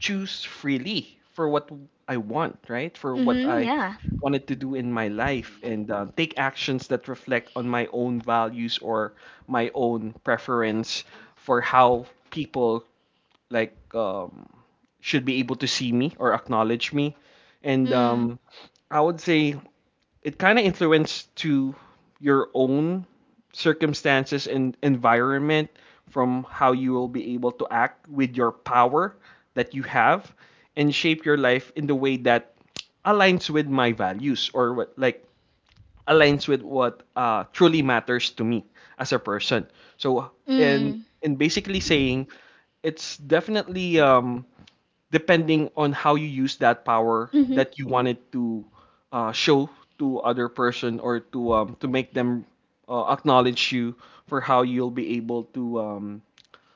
Speaker 3: choose freely for what I want, right? For what
Speaker 1: Mm-hmm,
Speaker 3: I
Speaker 1: yeah.
Speaker 3: wanted to do in my life, and uh, take actions that reflect on my own values or my own preference for how people, like, um, should be able to see me or acknowledge me. And
Speaker 1: Mm.
Speaker 3: um, I would say it kind of influenced to your own circumstances and environment from how you will be able to act with your power that you have, and shape your life in the way that aligns with my values, or what, like, aligns with what uh, truly matters to me as a person. So and
Speaker 1: Mm.
Speaker 3: and basically saying, it's definitely um, depending on how you use that power
Speaker 1: Mm-hmm.
Speaker 3: that you wanted to uh, show to other person, or to um, to make them uh, acknowledge you, for how you'll be able to, um,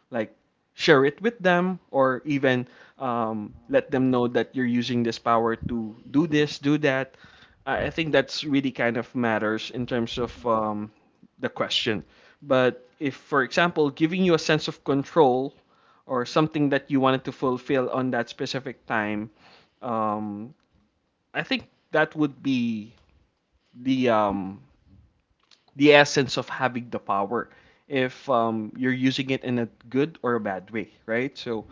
Speaker 3: like, share it with them, or even um, let them know that you're using this power to do this, do that. I I think that's really kind of matters in terms of um, the question. But if, for example, giving you a sense of control or something that you wanted to fulfill on that specific time, um, I think that would be the um, the essence of having the power if um, you're using it in a good or a bad way, right? So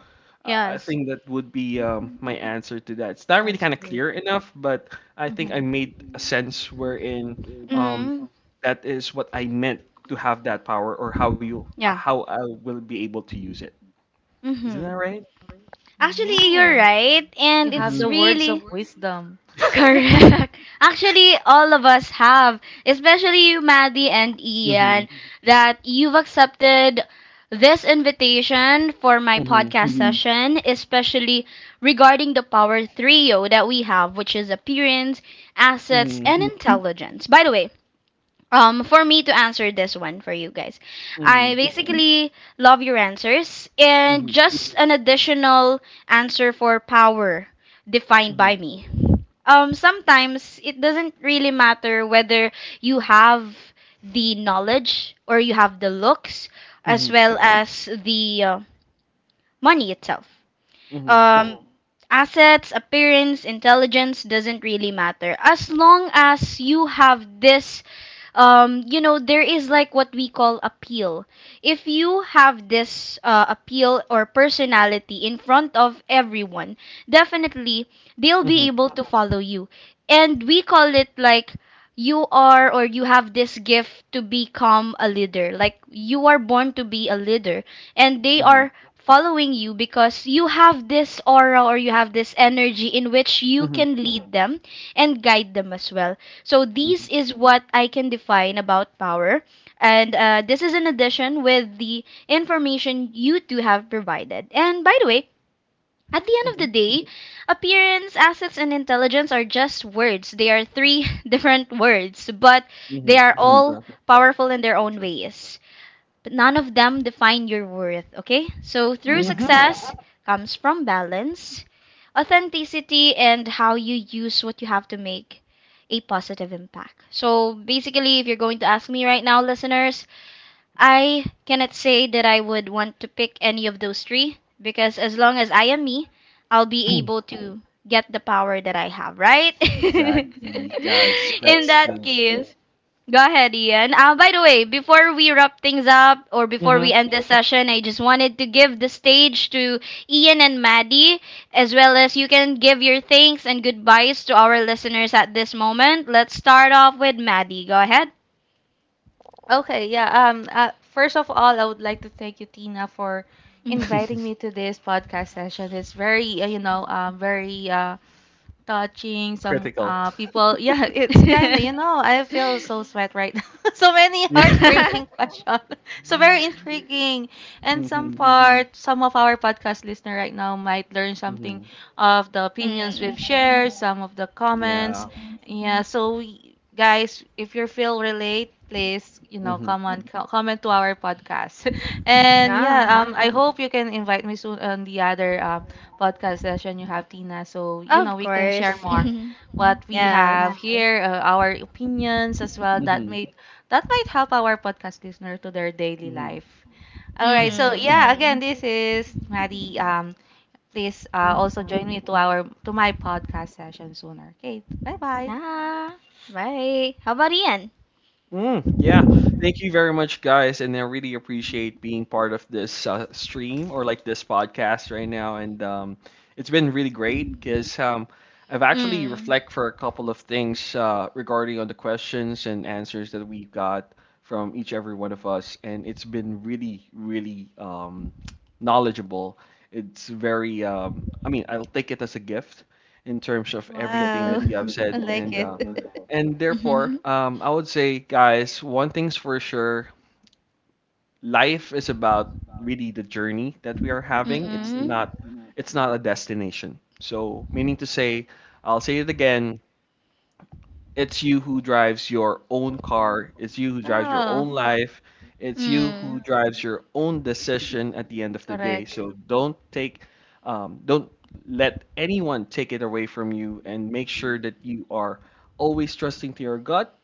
Speaker 3: I I
Speaker 1: Yes.
Speaker 3: think that would be um, my answer to that. It's not really
Speaker 2: That's
Speaker 3: kind of
Speaker 2: true.
Speaker 3: clear enough, but I think I
Speaker 2: Hmm
Speaker 3: made a sense wherein um,
Speaker 1: Mm,
Speaker 3: that is what I meant to have that power, or how you,
Speaker 1: yeah.
Speaker 3: how I will be able to use it. Isn't
Speaker 1: Mm-hmm.
Speaker 3: that right?
Speaker 1: Actually, you're
Speaker 2: Yeah.
Speaker 1: right, and
Speaker 2: You have
Speaker 3: Mm-hmm.
Speaker 1: it's
Speaker 2: the words
Speaker 1: really
Speaker 2: of wisdom.
Speaker 1: correct. Actually, all of us have, especially you, Maddie and
Speaker 3: Mm-hmm.
Speaker 1: Ian, that you've accepted this invitation for my
Speaker 3: Mm-hmm.
Speaker 1: podcast session, especially regarding the power trio that we have, which is appearance, assets, and intelligence. By the way, Um, for me to answer this one for you guys, I
Speaker 3: Mm-hmm.
Speaker 1: basically love your answers and
Speaker 3: Mm-hmm.
Speaker 1: just an additional answer for power defined
Speaker 3: Mm-hmm.
Speaker 1: by me. Um, sometimes it doesn't really matter whether you have the knowledge or you have the looks,
Speaker 3: Mm-hmm.
Speaker 1: as
Speaker 3: Mm-hmm.
Speaker 1: well as the uh, money itself.
Speaker 3: Mm-hmm.
Speaker 1: Um, assets, appearance, intelligence doesn't really matter as long as you have this, um, you know, there is like what we call appeal. If you have this uh, appeal or personality in front of everyone, definitely they'll
Speaker 3: Mm-hmm.
Speaker 1: be able to follow you. And we call it like you are or you have this gift to become a leader. Like you are born to be a leader, and they are following you because you have this aura or you have this energy in which you
Speaker 3: Mm-hmm.
Speaker 1: can lead them and guide them as well. So these is what I can define about power, and uh, this is in addition with the information you two have provided. And by the way, at the end of
Speaker 3: Mm-hmm.
Speaker 1: the day, appearance, assets, and intelligence are just words. They are three different words, but
Speaker 3: Mm-hmm.
Speaker 1: they are
Speaker 3: For
Speaker 1: all
Speaker 3: sure.
Speaker 1: powerful in their
Speaker 3: For
Speaker 1: own
Speaker 3: sure.
Speaker 1: ways, but none of them define your worth, okay? So through
Speaker 2: Mm-hmm.
Speaker 3: Mhm.
Speaker 1: success comes from balance, authenticity, and how you use what you have to make a positive impact. So basically, if you're going to ask me right now, listeners, I cannot say that I would want to pick any of those three because as long as I am me, I'll be able to get the power that I have, right?
Speaker 3: Exactly, guys.
Speaker 1: In
Speaker 3: That's
Speaker 1: that
Speaker 3: true.
Speaker 1: case, go ahead, Ian. Uh, by the way, before we wrap things up, or before we
Speaker 3: Mhm.
Speaker 1: end this session, I just wanted to give the stage to Ian and Maddie, as well as you can give your thanks and goodbyes to our listeners at this moment. Let's start off with Maddie. Go ahead.
Speaker 2: Okay, yeah. Um, uh, first of all, I would like to thank you, Tina, for
Speaker 1: Mhm.
Speaker 2: inviting me to this podcast session. It's very, uh, you know, um, very uh, touching some
Speaker 3: Critical.
Speaker 2: uh people. Yeah, it's kind of, you know, I feel so sweat right now. So many
Speaker 3: Yeah.
Speaker 2: heartbreaking questions. So very intriguing. And some
Speaker 3: Mhm.
Speaker 2: part, some of our podcast listener right now might learn something
Speaker 3: Mhm.
Speaker 2: of the opinions
Speaker 1: Mm.
Speaker 2: we've shared, some of the
Speaker 3: Yeah.
Speaker 2: comments. Yeah, so y- guys, if you feel relate, please, you know,
Speaker 3: Mhm.
Speaker 2: come on, co- comment to our podcast. And
Speaker 1: Yeah,
Speaker 2: yeah, um,
Speaker 3: Mhm.
Speaker 2: I hope you can invite me soon on the other um podcast session you have, Tina. So, you know,
Speaker 1: of
Speaker 2: we can share
Speaker 1: course.
Speaker 2: more what we
Speaker 1: Yes.
Speaker 2: have here, uh, our opinions as well. That
Speaker 3: Mhm.
Speaker 2: may that might help our podcast listener to their daily
Speaker 3: Mhm.
Speaker 2: life. All right. So,
Speaker 1: Mm-mm.
Speaker 2: yeah, again, this is Maddie. Um, please uh, also join me to our to my podcast session sooner. Okay. Bye bye.
Speaker 1: Yeah. Right. How about Ian?
Speaker 3: Mm, yeah. Thank you very much, guys. And I really appreciate being part of this uh, stream, or like this podcast right now. And um, it's been really great because um, I've actually
Speaker 1: Mm.
Speaker 3: reflect for a couple of things uh, regarding on the questions and answers that we got from each every one of us. And it's been really, really um, knowledgeable. It's very, um, I mean, I'll take it as a gift in terms of everything
Speaker 2: Wow,
Speaker 3: that you have
Speaker 2: I
Speaker 3: said.
Speaker 2: like
Speaker 3: And uh,
Speaker 2: it.
Speaker 3: and therefore, um, I would say, guys, one thing's for sure: life is about really the journey that we are having. It's
Speaker 1: Mm-mm.
Speaker 3: not, it's not a destination. So, meaning to say, I'll say it again: it's you who drives your own car. It's you who drives your
Speaker 2: Oh,
Speaker 3: own life. It's you who
Speaker 1: Mm.
Speaker 3: drives your own decision at the end of the day.
Speaker 2: correct.
Speaker 3: So don't take, um, don't let anyone take it away from you, and make sure that you are always trusting to your gut,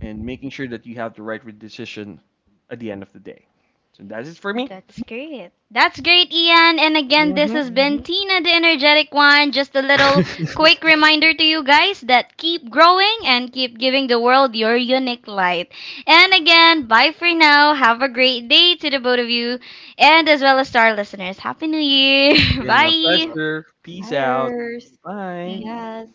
Speaker 3: and making sure that you have the right decision at the end of the day. So that's it for me.
Speaker 1: That's great. That's great, Ian. And again, this
Speaker 3: hmm
Speaker 1: has been hmm Tina the Energetic One. Just a little quick reminder to you guys that keep growing and keep giving the world your unique light. And again, bye for now. Have a great day to the both of you and as well as to our listeners. Happy New Year. Yeah.
Speaker 3: Been
Speaker 1: Bye.
Speaker 3: my
Speaker 1: Yeah.
Speaker 3: pleasure. Peace out.
Speaker 2: Hires.
Speaker 3: Bye.
Speaker 1: Mm.
Speaker 2: Yes.